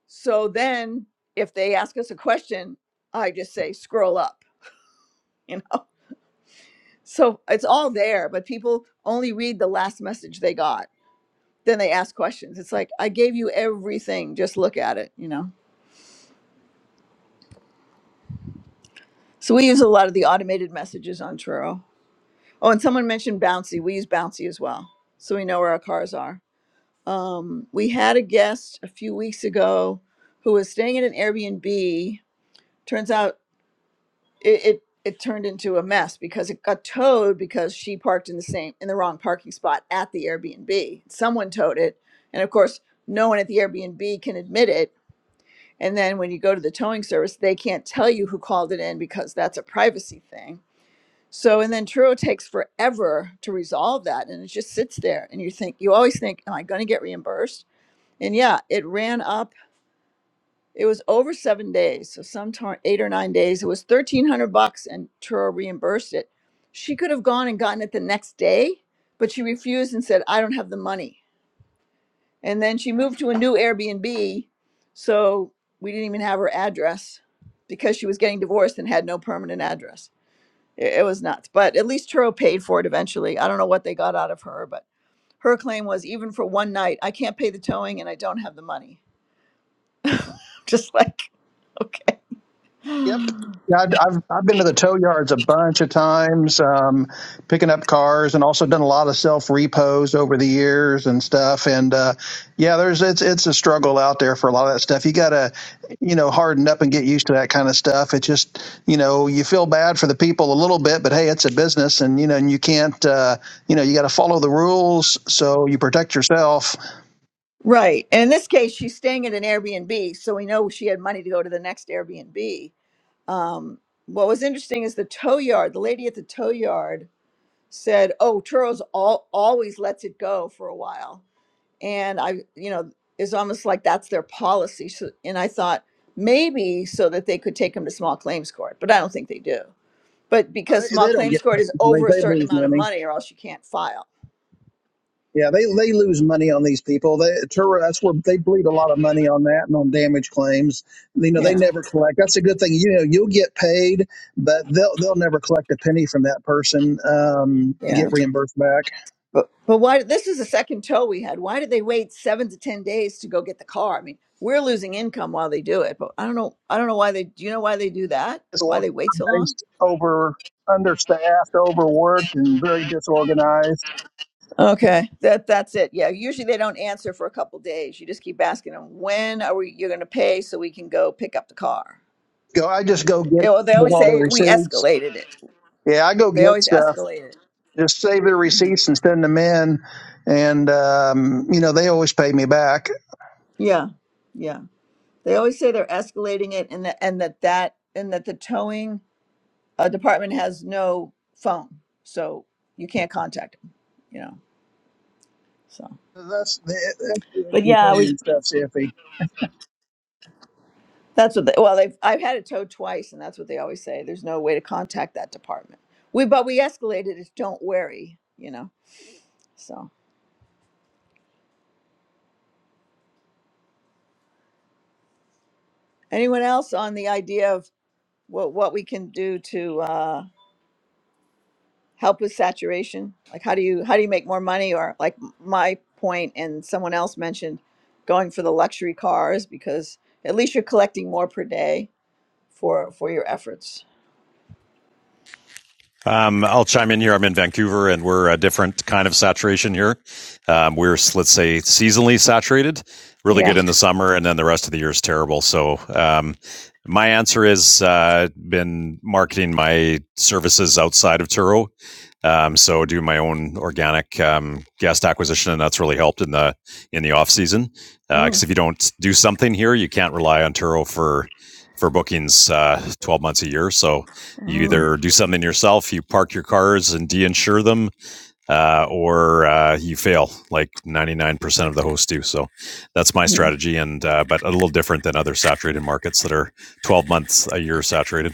So then if they ask us a question, I just say scroll up, you know. [laughs] So it's all there, but people only read the last message they got. Then they ask questions. It's like I gave you everything, just look at it, you know. So we use a lot of the automated messages on Truro. Oh, and someone mentioned Bouncy. We use Bouncy as well. So we know where our cars are. Um, we had a guest a few weeks ago who was staying at an Airbnb turns out it, it it turned into a mess because it got towed because she parked in the same in the wrong parking spot at the Airbnb. Someone towed it, and of course, no one at the Airbnb can admit it. And then when you go to the towing service, they can't tell you who called it in because that's a privacy thing. So and then Truro takes forever to resolve that, and it just sits there. And you think you always think, "Am I going to get reimbursed?" And yeah, it ran up it was over seven days, so sometime eight or nine days. It was thirteen hundred bucks, and Turo reimbursed it. She could have gone and gotten it the next day, but she refused and said, "I don't have the money." And then she moved to a new Airbnb, so we didn't even have her address because she was getting divorced and had no permanent address. It, it was nuts, but at least Turo paid for it eventually. I don't know what they got out of her, but her claim was even for one night, I can't pay the towing and I don't have the money. [laughs] Just like
Yep.
okay.
Yeah, I'd- I've I've been to the tow yards a bunch of times, um, picking up cars, and also done a lot of self repos over the years and stuff. And uh, yeah, there's it's it's a struggle out there for a lot of that stuff. You gotta, you know, harden up and get used to that kind of stuff. It just, you know, you feel bad for the people a little bit, but hey, it's a business, and you know, and you can't, uh, you know, you got to follow the rules so you protect yourself.
Right. And in this case, she's staying at an Airbnb, so we know she had money to go to the next Airbnb. Um, what was interesting is the tow yard. The lady at the tow yard said, "Oh, Turo's all, always lets it go for a while," and I, you know, it's almost like that's their policy. So, and I thought maybe so that they could take him to small claims court, but I don't think they do. But because
They,
small
they don't
claims
get
court is
they,
over a
they
certain
lose
amount of
money.
money, or else you can't file.
Yeah, they, they lose money on these people. They, Turo, that's where they bleed a lot of money on that and on damage claims. You know, they
Yeah.
never collect. That's a good thing. You know, you'll get paid, but they'll they'll never collect a penny from that person um, to
Yeah.
get reimbursed back.
But but why? This is the second tow we had. Why did they wait seven to ten days to go get the car? I mean, we're losing income while they do it. But I don't know. I don't know why they. Do you know why they do that? Why they wait so long?
Disorganized, over understaffed, overworked, and very disorganized.
Okay, that that's it. Yeah, usually they don't answer for a couple days. You just keep asking them, when are we? You're going to pay so we can go pick up the car.
Go, I just go get,
Yeah, well, they
get
always
all the
say we
receipts.
escalated it.
Yeah, I go
They
get
always
stuff.
escalate it.
Just save the
hmm
receipts and send them in, and um, you know they always pay me back.
Yeah, yeah. They always say they're escalating it, and that and that that and that the towing a department has no phone, so you can't contact them. You know, so
That's the, that's the
but yeah, we
companion stuff, Iffy.
that's what they, well they've I've had it towed twice, and that's what they always say. There's no way to contact that department. We but we escalated it. Don't worry, you know. So anyone else on the idea of what what we can do to uh, help with saturation? Like how do you how do you make more money? Or like my point and someone else mentioned going for the luxury cars because at least you're collecting more per day for for your efforts.
Um, I'll chime in here. I'm in Vancouver, and we're a different kind of saturation here. Um, we're let's say seasonally saturated, really
Yeah.
good in the summer, and then the rest of the year is terrible. So um, my answer is uh, been marketing my services outside of Turo. Um, so do my own organic um, guest acquisition, and that's really helped in the in the off season. Because
Mm,
uh, if you don't do something here, you can't rely on Turo for for bookings uh, twelve months a year. So you
mm,
either do something yourself, you park your cars and de-insure them, uh, or uh, you fail like 99% of the hosts do. So that's my
mm.
strategy, and uh, but a little different than other saturated markets that are 12 months a year saturated.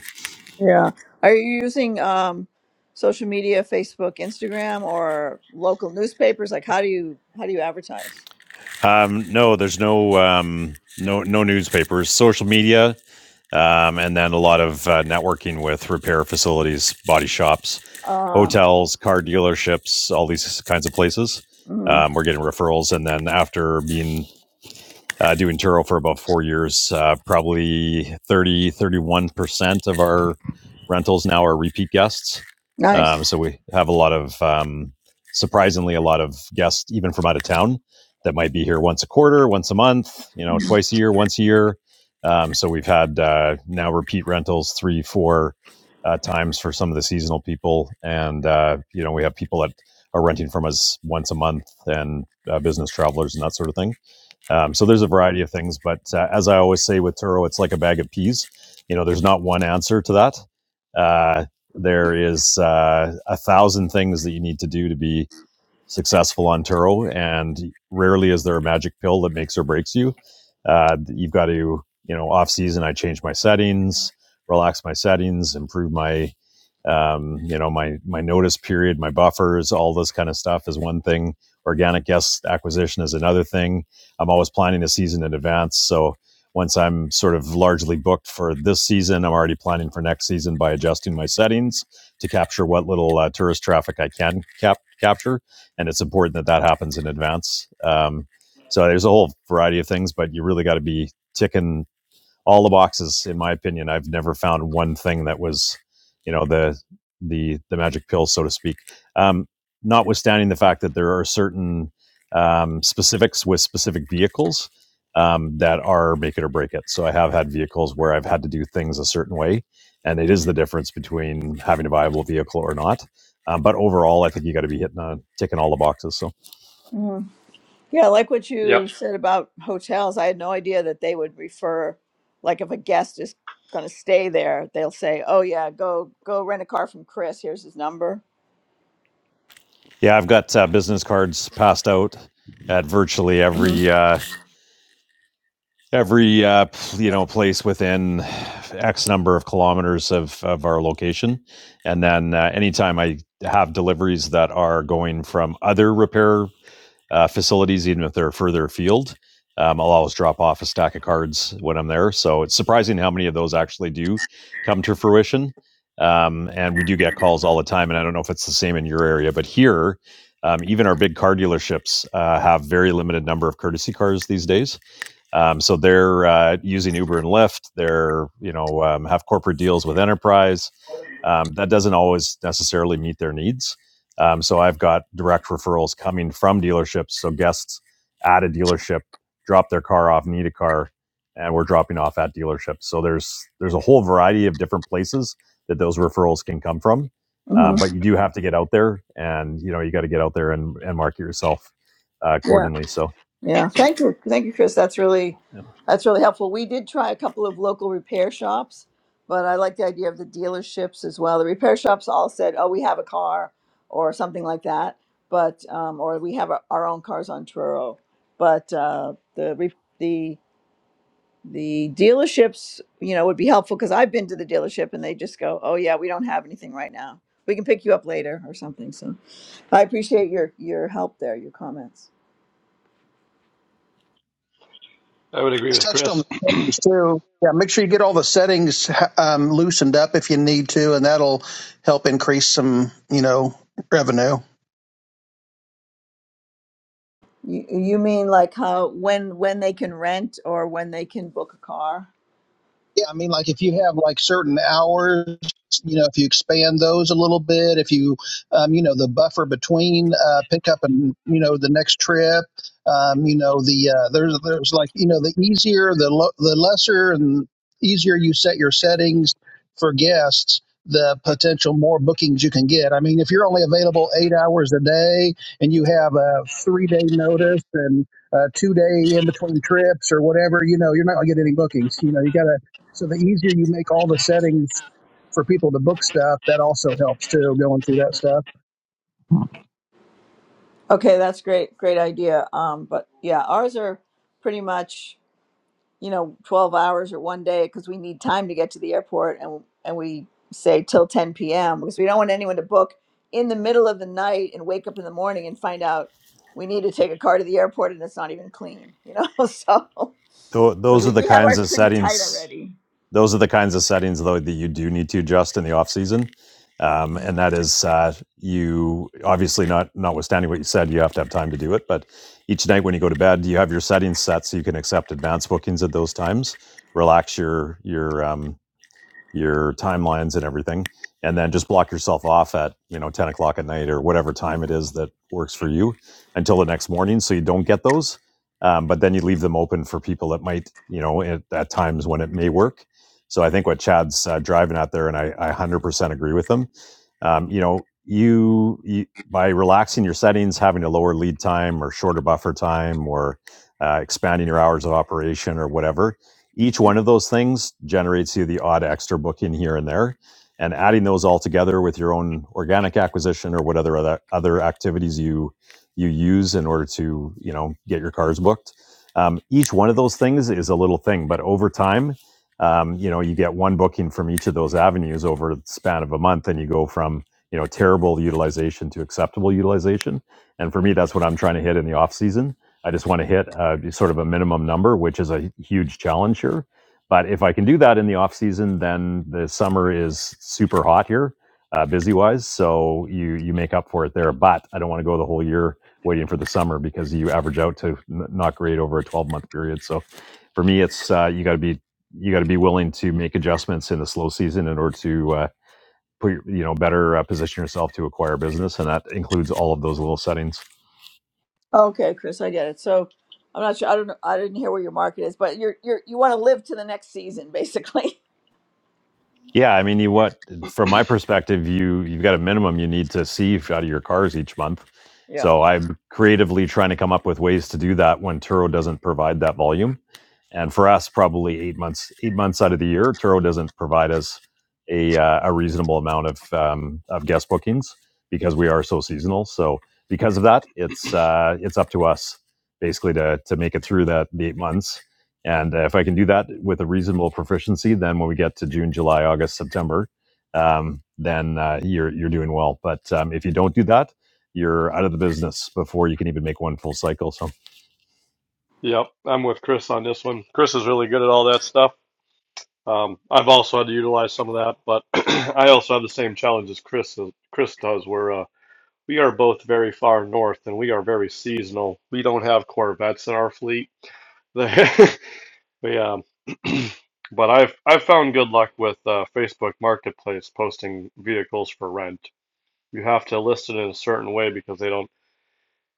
Yeah. Are you using um, social media, Facebook, Instagram, or local newspapers? Like, how do you how do you advertise?
Um, no, there's no um, no no newspapers, social media, um, and then a lot of uh, networking with repair facilities, body shops,
Ah,
hotels, car dealerships, all these kinds of places.
Mm,
Um, we're getting referrals, and then after being uh, doing Turo for about four years. Uh, probably thirty thirty one percent of our rentals now are repeat guests.
nice.
Um, so we have a lot of, um, surprisingly, a lot of guests, even from out of town, that might be here once a quarter, once a month, you know, twice a year, once a year. Um, so we've had uh, now repeat rentals three, four uh, times for some of the seasonal people. And, uh, you know, we have people that are renting from us once a month and uh, business travelers and that sort of thing. Um, so there's a variety of things, but uh, as I always say with Turo, it's like a bag of peas. You know, there's not one answer to that. Uh, there is uh, a thousand things that you need to do to be successful on Turo, and rarely is there a magic pill that makes or breaks you. Uh, you've got to, you know, off season, I change my settings, relax my settings, improve my, um, you know, my my notice period, my buffers, all this kind of stuff is one thing. Organic guest acquisition is another thing. I'm always planning a season in advance, so once I'm sort of largely booked for this season, I'm already planning for next season by adjusting my settings to capture what little uh, tourist traffic I can cap- capture and it's important that that happens in advance. Um, so there's a whole variety of things, but you really got to be ticking all the boxes. In my opinion, I've never found one thing that was, you know, the the the magic pill, so to speak. Um, notwithstanding the fact that there are certain um, specifics with specific vehicles um, that are make it or break it. So I have had vehicles where I've had to do things a certain way, and it is the difference between having a viable vehicle or not. Um, but overall, I think you got to be hitting, uh, ticking all the boxes. So
Mm. Yeah, I like what
Yep,
you said about hotels. I had no idea that they would refer, like, if a guest is going to stay there, they'll say, "Oh yeah, go go rent a car from Chris. Here's his number."
yeah, I've got uh, business cards passed out at virtually
hmm
every uh, every uh, you know place within X number of kilometers of, of our location, and then uh, anytime I have deliveries that are going from other repair uh, facilities, even if they're further afield. Um, I'll always drop off a stack of cards when I'm there. So it's surprising how many of those actually do come to fruition. Um, and we do get calls all the time. And I don't know if it's the same in your area, but here, um, even our big car dealerships uh, have very limited number of courtesy cars these days. Um, so they're uh, using Uber and Lyft. They're you know um, have corporate deals with enterprise. Um, that doesn't always necessarily meet their needs. Um, so I've got direct referrals coming from dealerships. So guests at a dealership drop their car off, need a car, and we're dropping off at dealerships. So there's there's a whole variety of different places that those referrals can come from.
hmm
Um, but you do have to get out there, and you know you got to get out there and, and market yourself uh,
Yeah.
accordingly. So.
Yeah, thank you, thank you, Chris. That's really,
yeah.
that's really helpful. We did try a couple of local repair shops, but I like the idea of the dealerships as well. The repair shops all said, "Oh, we have a car," or something like that, but um, or we have our, our own cars on Truro. But uh, the re- the the dealerships, you know, would be helpful because I've been to the dealership and they just go, "Oh yeah, we don't have anything right now. We can pick you up later or something." So, I appreciate your your help there, your comments.
I would agree
It's
with
touched on the
Chris.
settings too. Yeah, make sure you get all the settings um, loosened up if you need to, and that'll help increase some, you know, revenue.
You, you mean like how when when they can rent or when they can book a car?
Yeah, I mean, like if you have like certain hours, you know, if you expand those a little bit, if you, um, you know, the buffer between uh, pickup and you know the next trip, um, you know, the uh, there's there's like you know the easier the lo- the lesser and easier you set your settings for guests, the potential more bookings you can get. I mean, if you're only available eight hours a day and you have a three day notice and a two day in between trips or whatever, you know, you're not gonna get any bookings. You know, you gotta so the easier you make all the settings for people to book stuff, that also helps too, going through that stuff.
Okay, that's great, great idea. Um, but yeah, ours are pretty much you know twelve hours or one day because we need time to get to the airport, and and we say till ten p.m. because we don't want anyone to book in the middle of the night and wake up in the morning and find out we need to take a car to the airport and it's not even clean, you know. [laughs] so
Tho-
so
those are
we,
the
we have
kinds
ours
of
pretty tight
settings.
already.
Those are the kinds of settings though that you do need to adjust in the off season, um, and that is uh, you obviously not notwithstanding what you said, you have to have time to do it. But each night when you go to bed, you have your settings set so you can accept advance bookings at those times. Relax your your um, your timelines and everything and then just block yourself off at you know 10 o'clock at night or whatever time it is that works for you until the next morning so you don't get those um, but then you leave them open for people that might you know at, at times when it may work so i think what chad's uh, driving at there and I, I 100% agree with him um, you know you, you by relaxing your settings having a lower lead time or shorter buffer time or uh, expanding your hours of operation or whatever each one of those things generates you the odd extra booking here and there. And adding those all together with your own organic acquisition or whatever other other activities you you use in order to you know get your cars booked. Um, each one of those things is a little thing, but over time, um, you know, you get one booking from each of those avenues over the span of a month, and you go from you know terrible utilization to acceptable utilization. And for me, that's what I'm trying to hit in the off season I just want to hit uh, sort of a minimum number, which is a huge challenge here. But if I can do that in the off season, then the summer is super hot here, uh, busy wise. So you you make up for it there. But I don't want to go the whole year waiting for the summer because you average out to n- not great over a 12 month period. So for me, it's uh, you got to be you got to be willing to make adjustments in the slow season in order to uh, put you know better uh, position yourself to acquire business, and that includes all of those little settings.
Okay, Chris, I get it. So I'm not sure. I don't know. I didn't hear where your market is, but you're you're you want to live to the next season, basically. [laughs]
Yeah, I mean, you what from my perspective, you you've got a minimum you need to see out of your cars each month.
Yeah.
So I'm creatively trying to come up with ways to do that when Turo doesn't provide that volume. And for us, probably eight months eight months out of the year, Turo doesn't provide us a uh, a reasonable amount of um, of guest bookings because we are so seasonal. So because of that, it's uh, it's up to us basically to to make it through that the eight months and uh, if I can do that with a reasonable proficiency, then when we get to June, July, August, September, um, then uh, you're you're doing well. But um, if you don't do that, you're out of the business before you can even make one full cycle. So
Yep, I'm with Chris on this one. Chris is really good at all that stuff. Um, I've also had to utilize some of that, but [clears throat] I also have the same challenge as Chris Chris does, where uh, we are both very far north and we are very seasonal. We don't have Corvettes in our fleet. [laughs] we, um, [clears throat] but I've I've found good luck with uh, Facebook Marketplace posting vehicles for rent. You have to list it in a certain way because they don't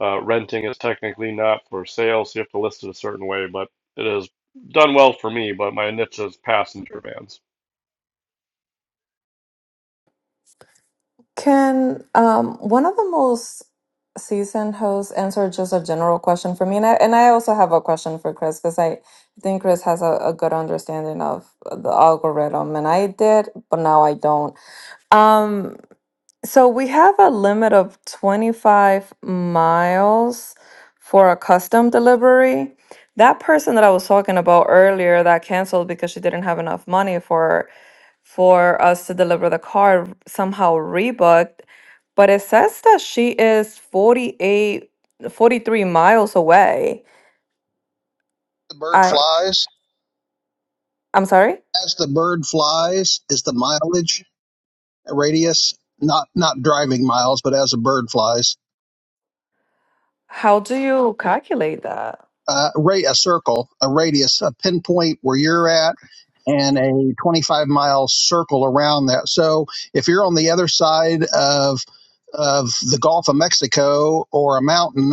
Uh, renting is technically not for sale, so you have to list it a certain way, but it has done well for me. But my niche is passenger vans.
Can um, one of the most seasoned hosts answer just a general question for me? And I, and I also have a question for Chris because I think Chris has a, a good understanding of the algorithm, and I did, but now I don't. Um, so we have a limit of 25 miles for a custom delivery. That person that I was talking about earlier that canceled because she didn't have enough money for for us to deliver the car somehow rebooked but it says that she is 48, 43 miles away
The bird
i
flies.
i'm sorry
As the bird flies, is the mileage radius not not driving miles, but as a bird flies.
how do you calculate that
uh, ra- a circle, a radius, a pinpoint where you're at, and a 25 mile circle around that. So if you're on the other side of of the Gulf of Mexico or a mountain,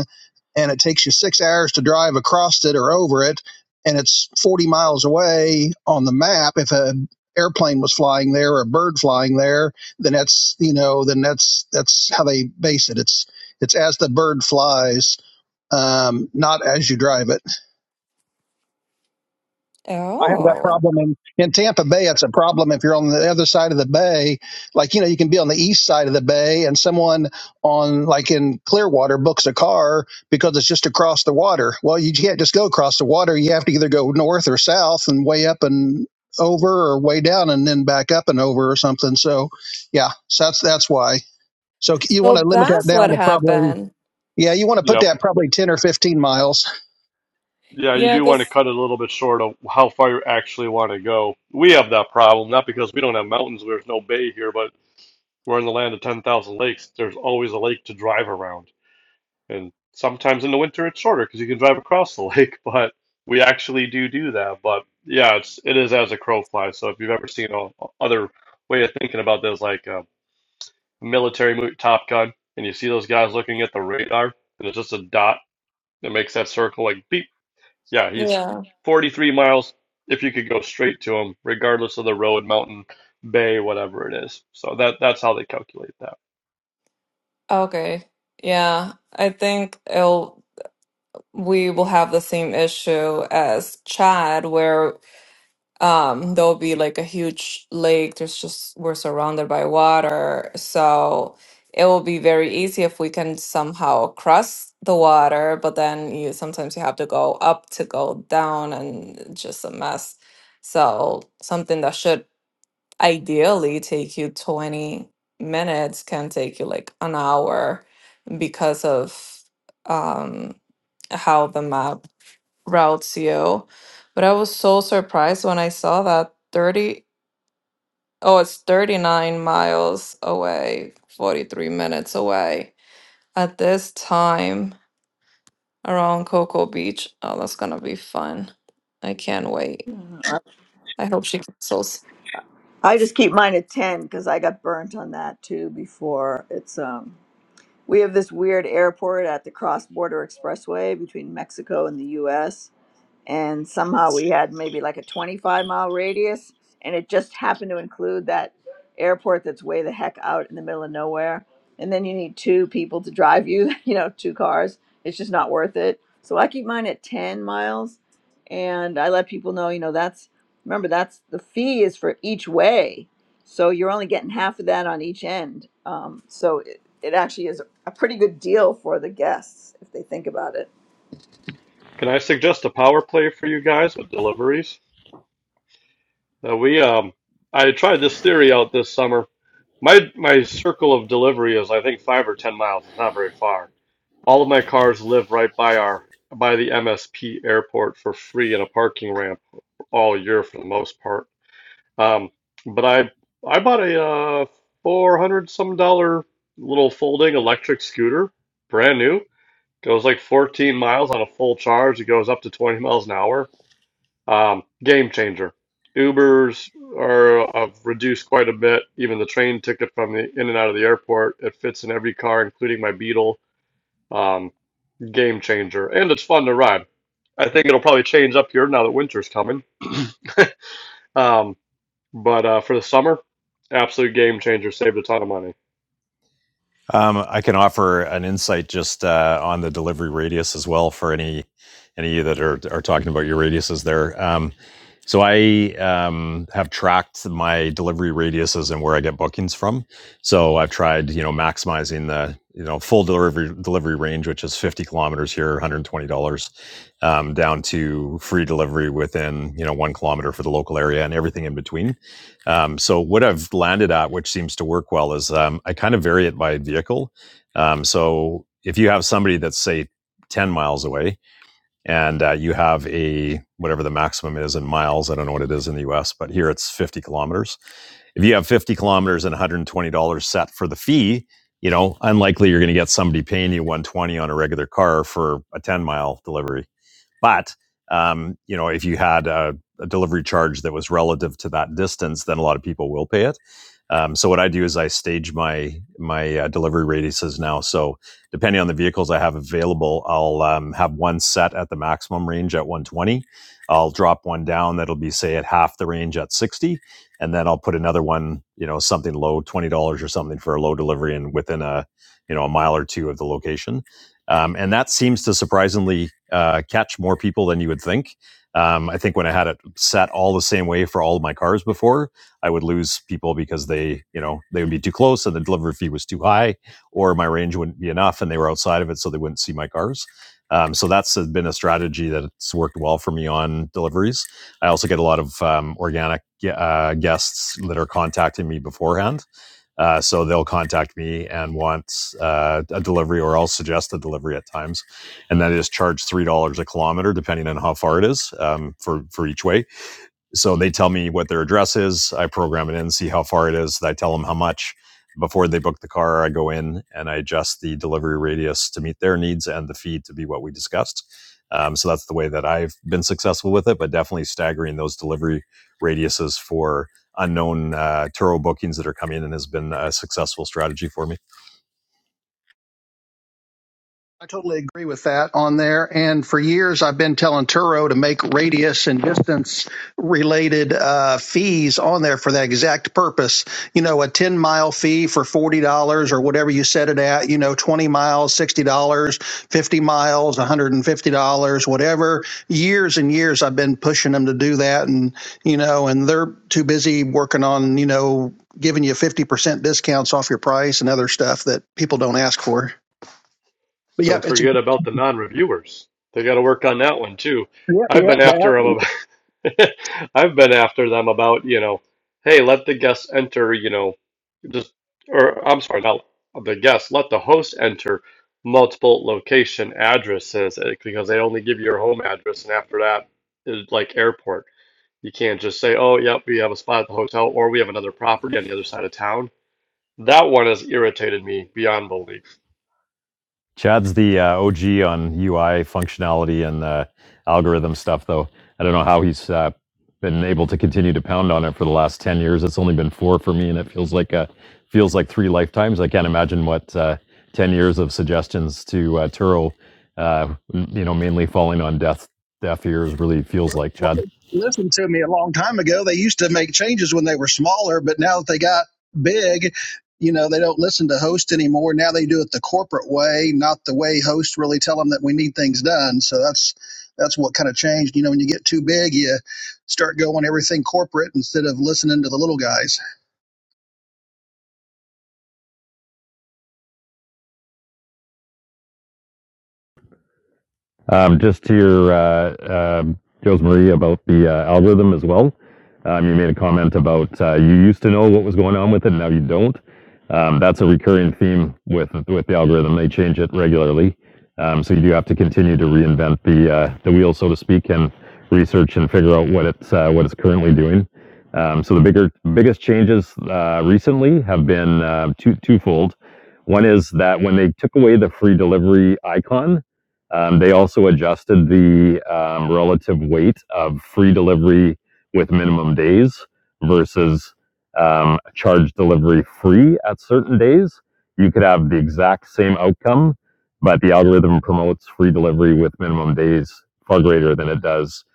and it takes you six hours to drive across it or over it, and it's 40 miles away on the map, if an airplane was flying there or a bird flying there then that's you know then that's that's how they base it it's it's as the bird flies um, not as you drive it I have that
oh
problem in, in Tampa Bay. It's a problem if you're on the other side of the bay. Like, you know, you can be on the east side of the bay and someone on, like in Clearwater, books a car because it's just across the water. Well, you can't just go across the water. You have to either go north or south and way up and over or way down and then back up and over or something. So, yeah, so that's, that's why. So you want
so
to limit that
that's
down
what
to probably,
happened
yeah, you want to put
Yep.
that probably 10 or 15 miles.
Yeah, you
yeah
do want to
this
cut it a little bit short of how far you actually want to go. We have that problem, not because we don't have mountains, there's no bay here, but we're in the land of 10,000 lakes. There's always a lake to drive around. And sometimes in the winter it's shorter because you can drive across the [laughs] lake, but we actually do do that. But yeah, it's it is as a crow flies. So if you've ever seen a, other way of thinking about this, like uh, military movie, Top Gun, and you see those guys looking at the radar, and it's just a dot that makes that circle like beep. Yeah, he's
yeah
43 miles if you could go straight to him, regardless of the road, mountain, bay, whatever it is. So that that's how they calculate that.
okay yeah i think it'll we will have the same issue as chad where Um, there'll be like a huge lake. There's just we're surrounded by water, so it will be very easy if we can somehow cross the water. But then you sometimes you have to go up to go down, and it's just a mess. So something that should ideally take you 20 minutes can take you like an hour because of um how the map route CO. But I was so surprised when I saw that 30, oh, it's 39 miles away, 43 minutes away at this time around Cocoa Beach. Oh, that's gonna be fun. I can't wait. I hope she cancels.
I just keep mine at ten because I got burnt on that too before. It's um we have this weird airport at the cross border expressway between Mexico and the U.S. and somehow we had maybe like a 25 mile radius and it just happened to include that airport that's way the heck out in the middle of nowhere and then you need two people to drive you [laughs] you know two cars it's just not worth it so i keep mine at 10 miles and i let people know you know that's remember that's the fee is for each way so you're only getting half of that on each end um, so it, it actually is a pretty good deal for the guests if they think about it
Can I suggest a power play for you guys with deliveries? Now we um, I tried this theory out this summer. My my circle of delivery is I think five or ten miles. It's not very far All of my cars live right by our by the MSP airport for free in a parking ramp all year for the most part. Um, but I I bought a uh, four hundred some dollar little folding electric scooter, brand new. Goes like fourteen miles on a full charge. It goes up to twenty miles an hour. Um, game changer. Ubers are have reduced quite a bit. Even the train ticket from the in and out of the airport, it fits in every car, including my Beetle. Um, game changer, and it's fun to ride. I think it'll probably change up here now that winter's coming. [clears throat] um, but uh, for the summer, absolute game changer. Saved a ton of money.
Um, I can offer an insight just uh, on the delivery radius as well for any any of you that are are talking about your radiuses there. Um, so I um, have tracked my delivery radiuses and where I get bookings from. So I've tried, you know, maximizing the you know full delivery delivery range, which is 50 kilometers here, 120 dollars, um, down to free delivery within you know one kilometer for the local area and everything in between. Um, so what I've landed at, which seems to work well, is um, I kind of vary it by vehicle. Um, so if you have somebody that's say ten miles away, and uh, you have a whatever the maximum is in miles, I don't know what it is in the U.S., but here it's fifty kilometers. If you have fifty kilometers and one hundred and twenty dollars set for the fee, you know, unlikely you're going to get somebody paying you one hundred twenty dollars on a regular car for a ten mile delivery. But um, you know, if you had a, a delivery charge that was relative to that distance, then a lot of people will pay it. Um, so what I do is I stage my my uh, delivery radiuses now. So depending on the vehicles I have available, I'll um, have one set at the maximum range at 120. I'll drop one down that'll be say at half the range at 60, and then I'll put another one, you know, something low, twenty dollars or something for a low delivery and within a you know a mile or two of the location um, and that seems to surprisingly uh, catch more people than you would think. Um, I think when I had it set all the same way for all of my cars before, I would lose people because they, you know, they would be too close and the delivery fee was too high, or my range wouldn't be enough and they were outside of it, so they wouldn't see my cars. Um, so that's been a strategy that's worked well for me on deliveries. I also get a lot of um, organic uh, guests that are contacting me beforehand uh, so they'll contact me and want uh, a delivery, or I'll suggest a delivery at times, and that is charge three dollars a kilometer, depending on how far it is um, for for each way so they tell me what their address is. I program it in, see how far it is. I tell them how much. Before they book the car, I go in and I adjust the delivery radius to meet their needs and the fee to be what we discussed. Um, so that's the way that I've been successful with it, but definitely staggering those delivery radiuses for unknown uh, Turo bookings that are coming in has been a successful strategy for me.
I totally agree with that on there. And for years, I've been telling Turo to make radius and distance related uh, fees on there for that exact purpose. You know, a 10 mile fee for $40 or whatever you set it at, you know, 20 miles, $60, dollars, 50 miles, $150, whatever. Years and years, I've been pushing them to do that. And, you know, and they're too busy working on, you know, giving you 50% discounts off your price and other stuff that people don't ask for. But yep,
Don't
it's a
forget about the non-reviewers. They got to work on that one too.
Yep,
I've
yep,
been
that.
after them about, [laughs] I've been after them about, you know, hey, let the guests enter, you know, just or I'm sorry, not the guests, let the host enter multiple location addresses eh, because they only give you your home address and after that is like airport. You can't just say, "Oh, yep, we have a spot at the hotel or we have another property on the other side of town." That one has irritated me beyond belief.
Chad's the uh, OG on UI functionality and uh, algorithm stuff, though. I don't know how he's uh, been able to continue to pound on it for the last ten years. It's only been four for me, and it feels like a feels like three lifetimes. I can't imagine what uh, ten years of suggestions to uh, Turo, uh, you know, mainly falling on deaf deaf ears, really feels like.
Well,
Chad.
listen to me a long time ago. They used to make changes when they were smaller, but now that they got big, you know, they don't listen to host anymore. Now they do it the corporate way, not the way hosts really tell them that we need things done. So that's that's what kind of changed. You know, when you get too big, you start going everything corporate instead of listening to the little guys.
Um, just to your uh, um Jose Marie about the uh, algorithm as well. Um, you made a comment about uh, you used to know what was going on with it, now you don't. Um, that's a recurring theme with with the algorithm. They change it regularly, um, so you do have to continue to reinvent the uh, the wheel, so to speak, and research and figure out what it's uh, what it's currently doing. Um, so the bigger biggest changes uh, recently have been uh, two twofold. One is that when they took away the free delivery icon, um, they also adjusted the um, relative weight of free delivery with minimum days versus um, charge delivery free at certain days. You could have the exact same outcome, but the algorithm promotes free delivery with minimum days far greater than it does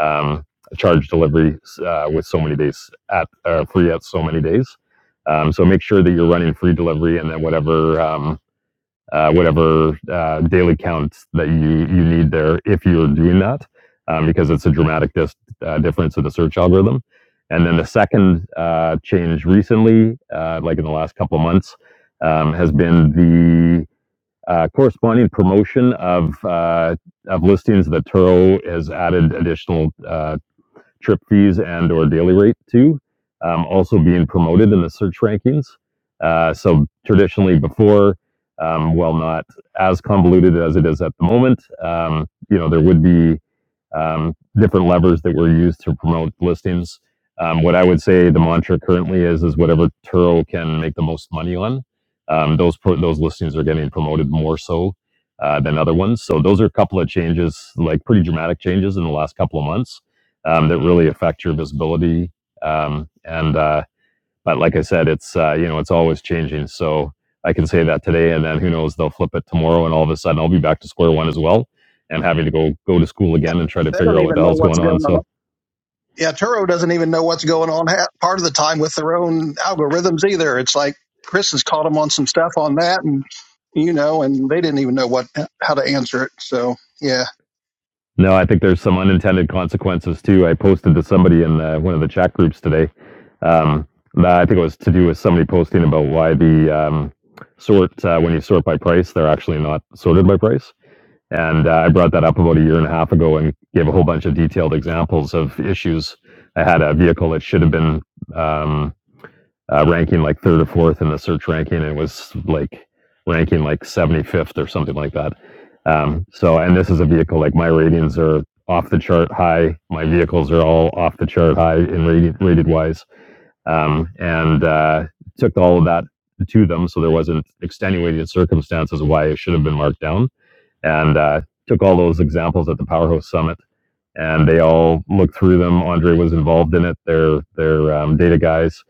um, charge delivery uh, with so many days at uh, free at so many days. Um, so make sure that you're running free delivery and then whatever. um, uh, whatever uh, daily counts that you you need there if you're doing that, um, because it's a dramatic dis- uh, difference in the search algorithm. And then the second uh, change recently, uh, like in the last couple of months, um, has been the uh, corresponding promotion of uh, of listings that Turo has added additional uh, trip fees and or daily rate too. Um, also being promoted in the search rankings. Uh, so traditionally before, um, well, not as convoluted as it is at the moment. Um, you know, there would be um, different levers that were used to promote listings. Um, what I would say the mantra currently is is whatever Turo can make the most money on. Um, those pro- those listings are getting promoted more so uh, than other ones. So those are a couple of changes, like pretty dramatic changes in the last couple of months um, that really affect your visibility. Um, and uh, but like I said, it's uh, you know it's always changing. So I can say that today, and then who knows? They'll flip it tomorrow, and all of a sudden I'll be back to square one as well, and having to go go to school again and try to
They
figure
don't
out what
even
the
know
hell's
what's
going on.
going on.
So
yeah, Turo doesn't even know what's going on ha- part of the time with their own algorithms either. It's like Chris has caught them on some stuff on that, and you know, and they didn't even know what how to answer it. So yeah.
no, I think there's some unintended consequences too. I posted to somebody in uh, one of the chat groups today. Um, that I think it was to do with somebody posting about why the um, sort uh, when you sort by price, they're actually not sorted by price And uh, I brought that up about a year and a half ago and gave a whole bunch of detailed examples of issues. I had a vehicle that should have been um, uh, ranking like third or fourth in the search ranking and it was like ranking like 75th or something like that. Um, so, and this is a vehicle like my ratings are off the chart high. My vehicles are all off the chart high in rated, rated wise. Um, and uh, took all of that to them. So there wasn't extenuating circumstances why it should have been marked down and uh, took all those examples at the Powerhouse Summit, and they all looked through them. Andre was involved in it. Their their um, data guys,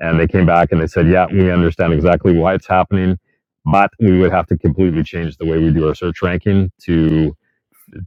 and they came back and they said, "Yeah, we understand exactly why it's happening, but we would have to completely change the way we do our search ranking to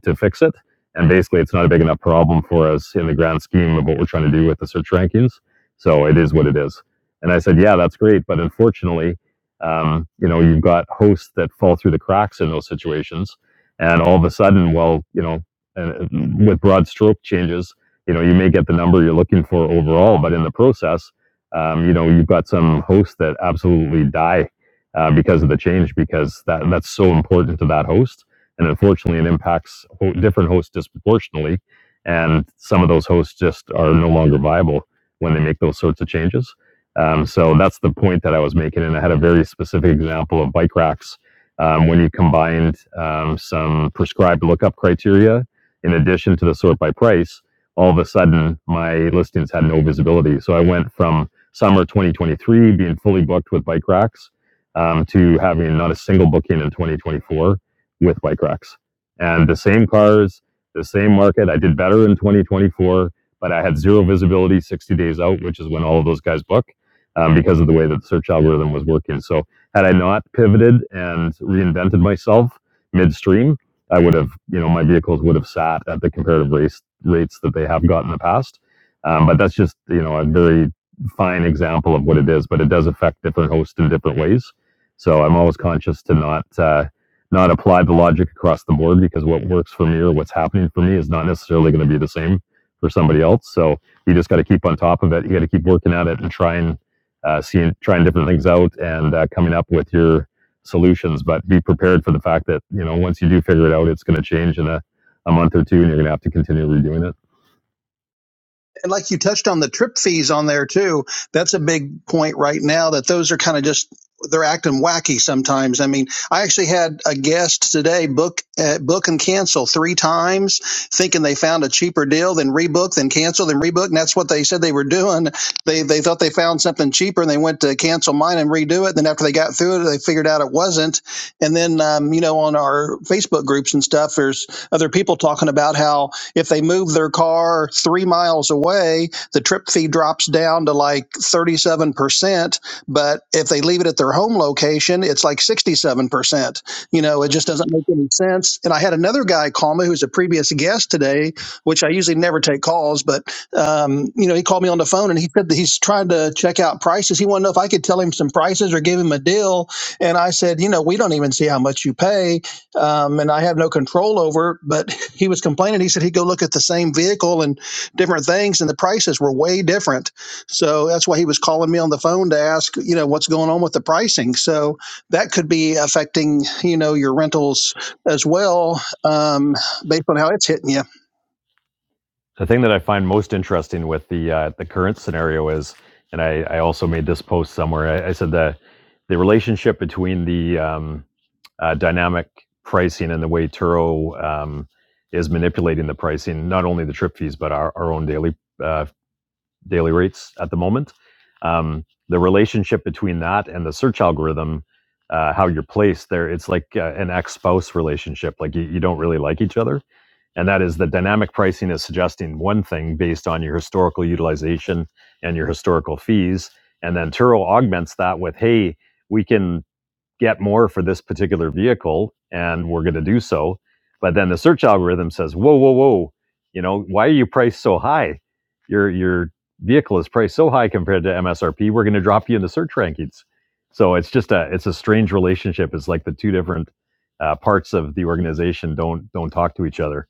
to fix it. And basically, it's not a big enough problem for us in the grand scheme of what we're trying to do with the search rankings. So it is what it is. And I said, yeah, that's great, but unfortunately, um, you know, you've got hosts that fall through the cracks in those situations, and all of a sudden, well, you know, uh, with broad stroke changes, you know, you may get the number you're looking for overall, but in the process, um, you know, you've got some hosts that absolutely die uh, because of the change because that that's so important to that host and unfortunately, it impacts different hosts disproportionately. And some of those hosts just are no longer viable when they make those sorts of changes. Um, so that's the point that I was making, and I had a very specific example of bike racks um, when you combined um, some prescribed lookup criteria in addition to the sort by price. All of a sudden, my listings had no visibility. So I went from summer 2023 being fully booked with bike racks um, to having not a single booking in 2024 with Bike Racks. And the same cars, the same market. I did better in 2024, but I had zero visibility 60 days out, which is when all of those guys book um, because of the way that the search algorithm was working. So, had I not pivoted and reinvented myself midstream, I would have, you know, my vehicles would have sat at the comparative race rates that they have got in the past. Um, but that's just, you know, a very fine example of what it is, but it does affect different hosts in different ways. So I'm always conscious to not uh, not apply the logic across the board because what works for me or what's happening for me is not necessarily going to be the same for somebody else. So you just got to keep on top of it. You got to keep working at it and trying, uh, seeing, trying different things out and uh, coming up with your solutions. But be prepared for the fact that you know once you do figure it out, it's going to change in a, a month or two, and you're going to have to continue redoing it.
And like you touched on the trip fees on there too, that's a big point right now that those are kind of just they're acting wacky sometimes. I mean, I actually had a guest today book uh, book and cancel three times, thinking they found a cheaper deal, then rebook, then cancel, then rebook, and that's what they said they were doing. They they thought they found something cheaper, and they went to cancel mine and redo it. Then after they got through it, they figured out it wasn't. And then um, you know on our Facebook groups and stuff, there's other people talking about how if they move their car three miles away, the trip fee drops down to like 37%. But if they leave it at their home location, it's like 67%. You know, it just doesn't make any sense. And I had another guy call me who's a previous guest today, which I usually never take calls, but, um, you know, he called me on the phone and he said that he's trying to check out prices. He wanted to know if I could tell him some prices or give him a deal. And I said, you know, we don't even see how much you pay um, and I have no control over. it, But he was complaining. He said he'd go look at the same vehicle and different things, and the prices were way different. So that's why he was calling me on the phone to ask, you know, what's going on with the pricing. So that could be affecting, you know, your rentals as well, um, based on how it's hitting you.
The thing that I find most interesting with the uh, the current scenario is, and I, I also made this post somewhere. I, I said the the relationship between the um, uh, dynamic pricing and the way Turo um, is manipulating the pricing, not only the trip fees but our, our own daily uh, daily rates at the moment. Um, the relationship between that and the search algorithm, uh, how you're placed there, it's like uh, an ex spouse relationship. Like you, you don't really like each other. And that is the dynamic pricing is suggesting one thing based on your historical utilization and your historical fees. And then Turo augments that with, hey, we can get more for this particular vehicle and we're going to do so but then the search algorithm says whoa whoa whoa you know why are you priced so high your your vehicle is priced so high compared to msrp we're going to drop you into search rankings so it's just a it's a strange relationship it's like the two different uh, parts of the organization don't don't talk to each other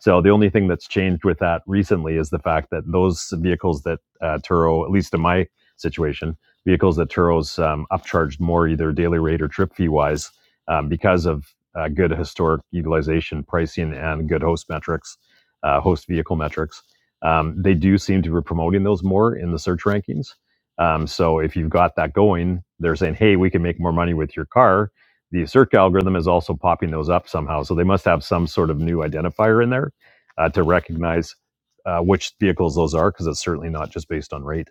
so the only thing that's changed with that recently is the fact that those vehicles that uh, turo at least in my situation vehicles that Turo's um, upcharged more either daily rate or trip fee wise um, because of uh, good historic utilization pricing and good host metrics, uh, host vehicle metrics. Um, they do seem to be promoting those more in the search rankings. Um, so if you've got that going, they're saying, hey, we can make more money with your car. The search algorithm is also popping those up somehow. So they must have some sort of new identifier in there uh, to recognize uh, which vehicles those are because it's certainly not just based on rate.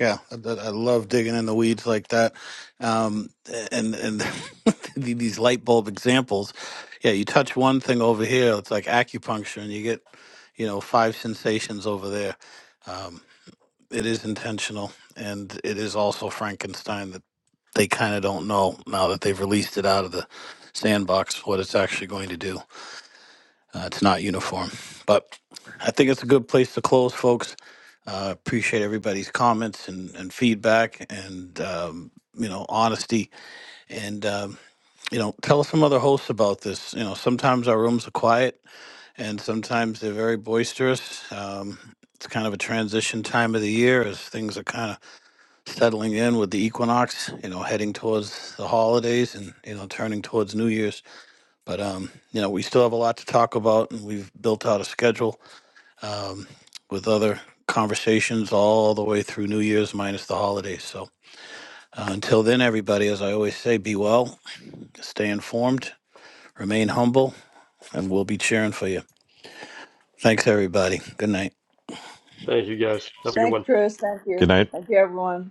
Yeah, I, I love digging in the weeds like that. Um, and and [laughs] these light bulb examples. Yeah, you touch one thing over here, it's like acupuncture, and you get, you know, five sensations over there. Um, it is intentional and it is also frankenstein that they kind of don't know now that they've released it out of the sandbox what it's actually going to do uh, it's not uniform but i think it's a good place to close folks uh, appreciate everybody's comments and, and feedback and um, you know honesty and um, you know tell some other hosts about this you know sometimes our rooms are quiet and sometimes they're very boisterous um, it's kind of a transition time of the year as things are kind of settling in with the equinox, you know, heading towards the holidays and, you know, turning towards New Year's. But, um, you know, we still have a lot to talk about and we've built out a schedule um, with other conversations all the way through New Year's minus the holidays. So uh, until then, everybody, as I always say, be well, stay informed, remain humble, and we'll be cheering for you. Thanks, everybody. Good night.
Thank you guys. Have a good
thanks
one.
chris thank
Good
you
night.
thank you everyone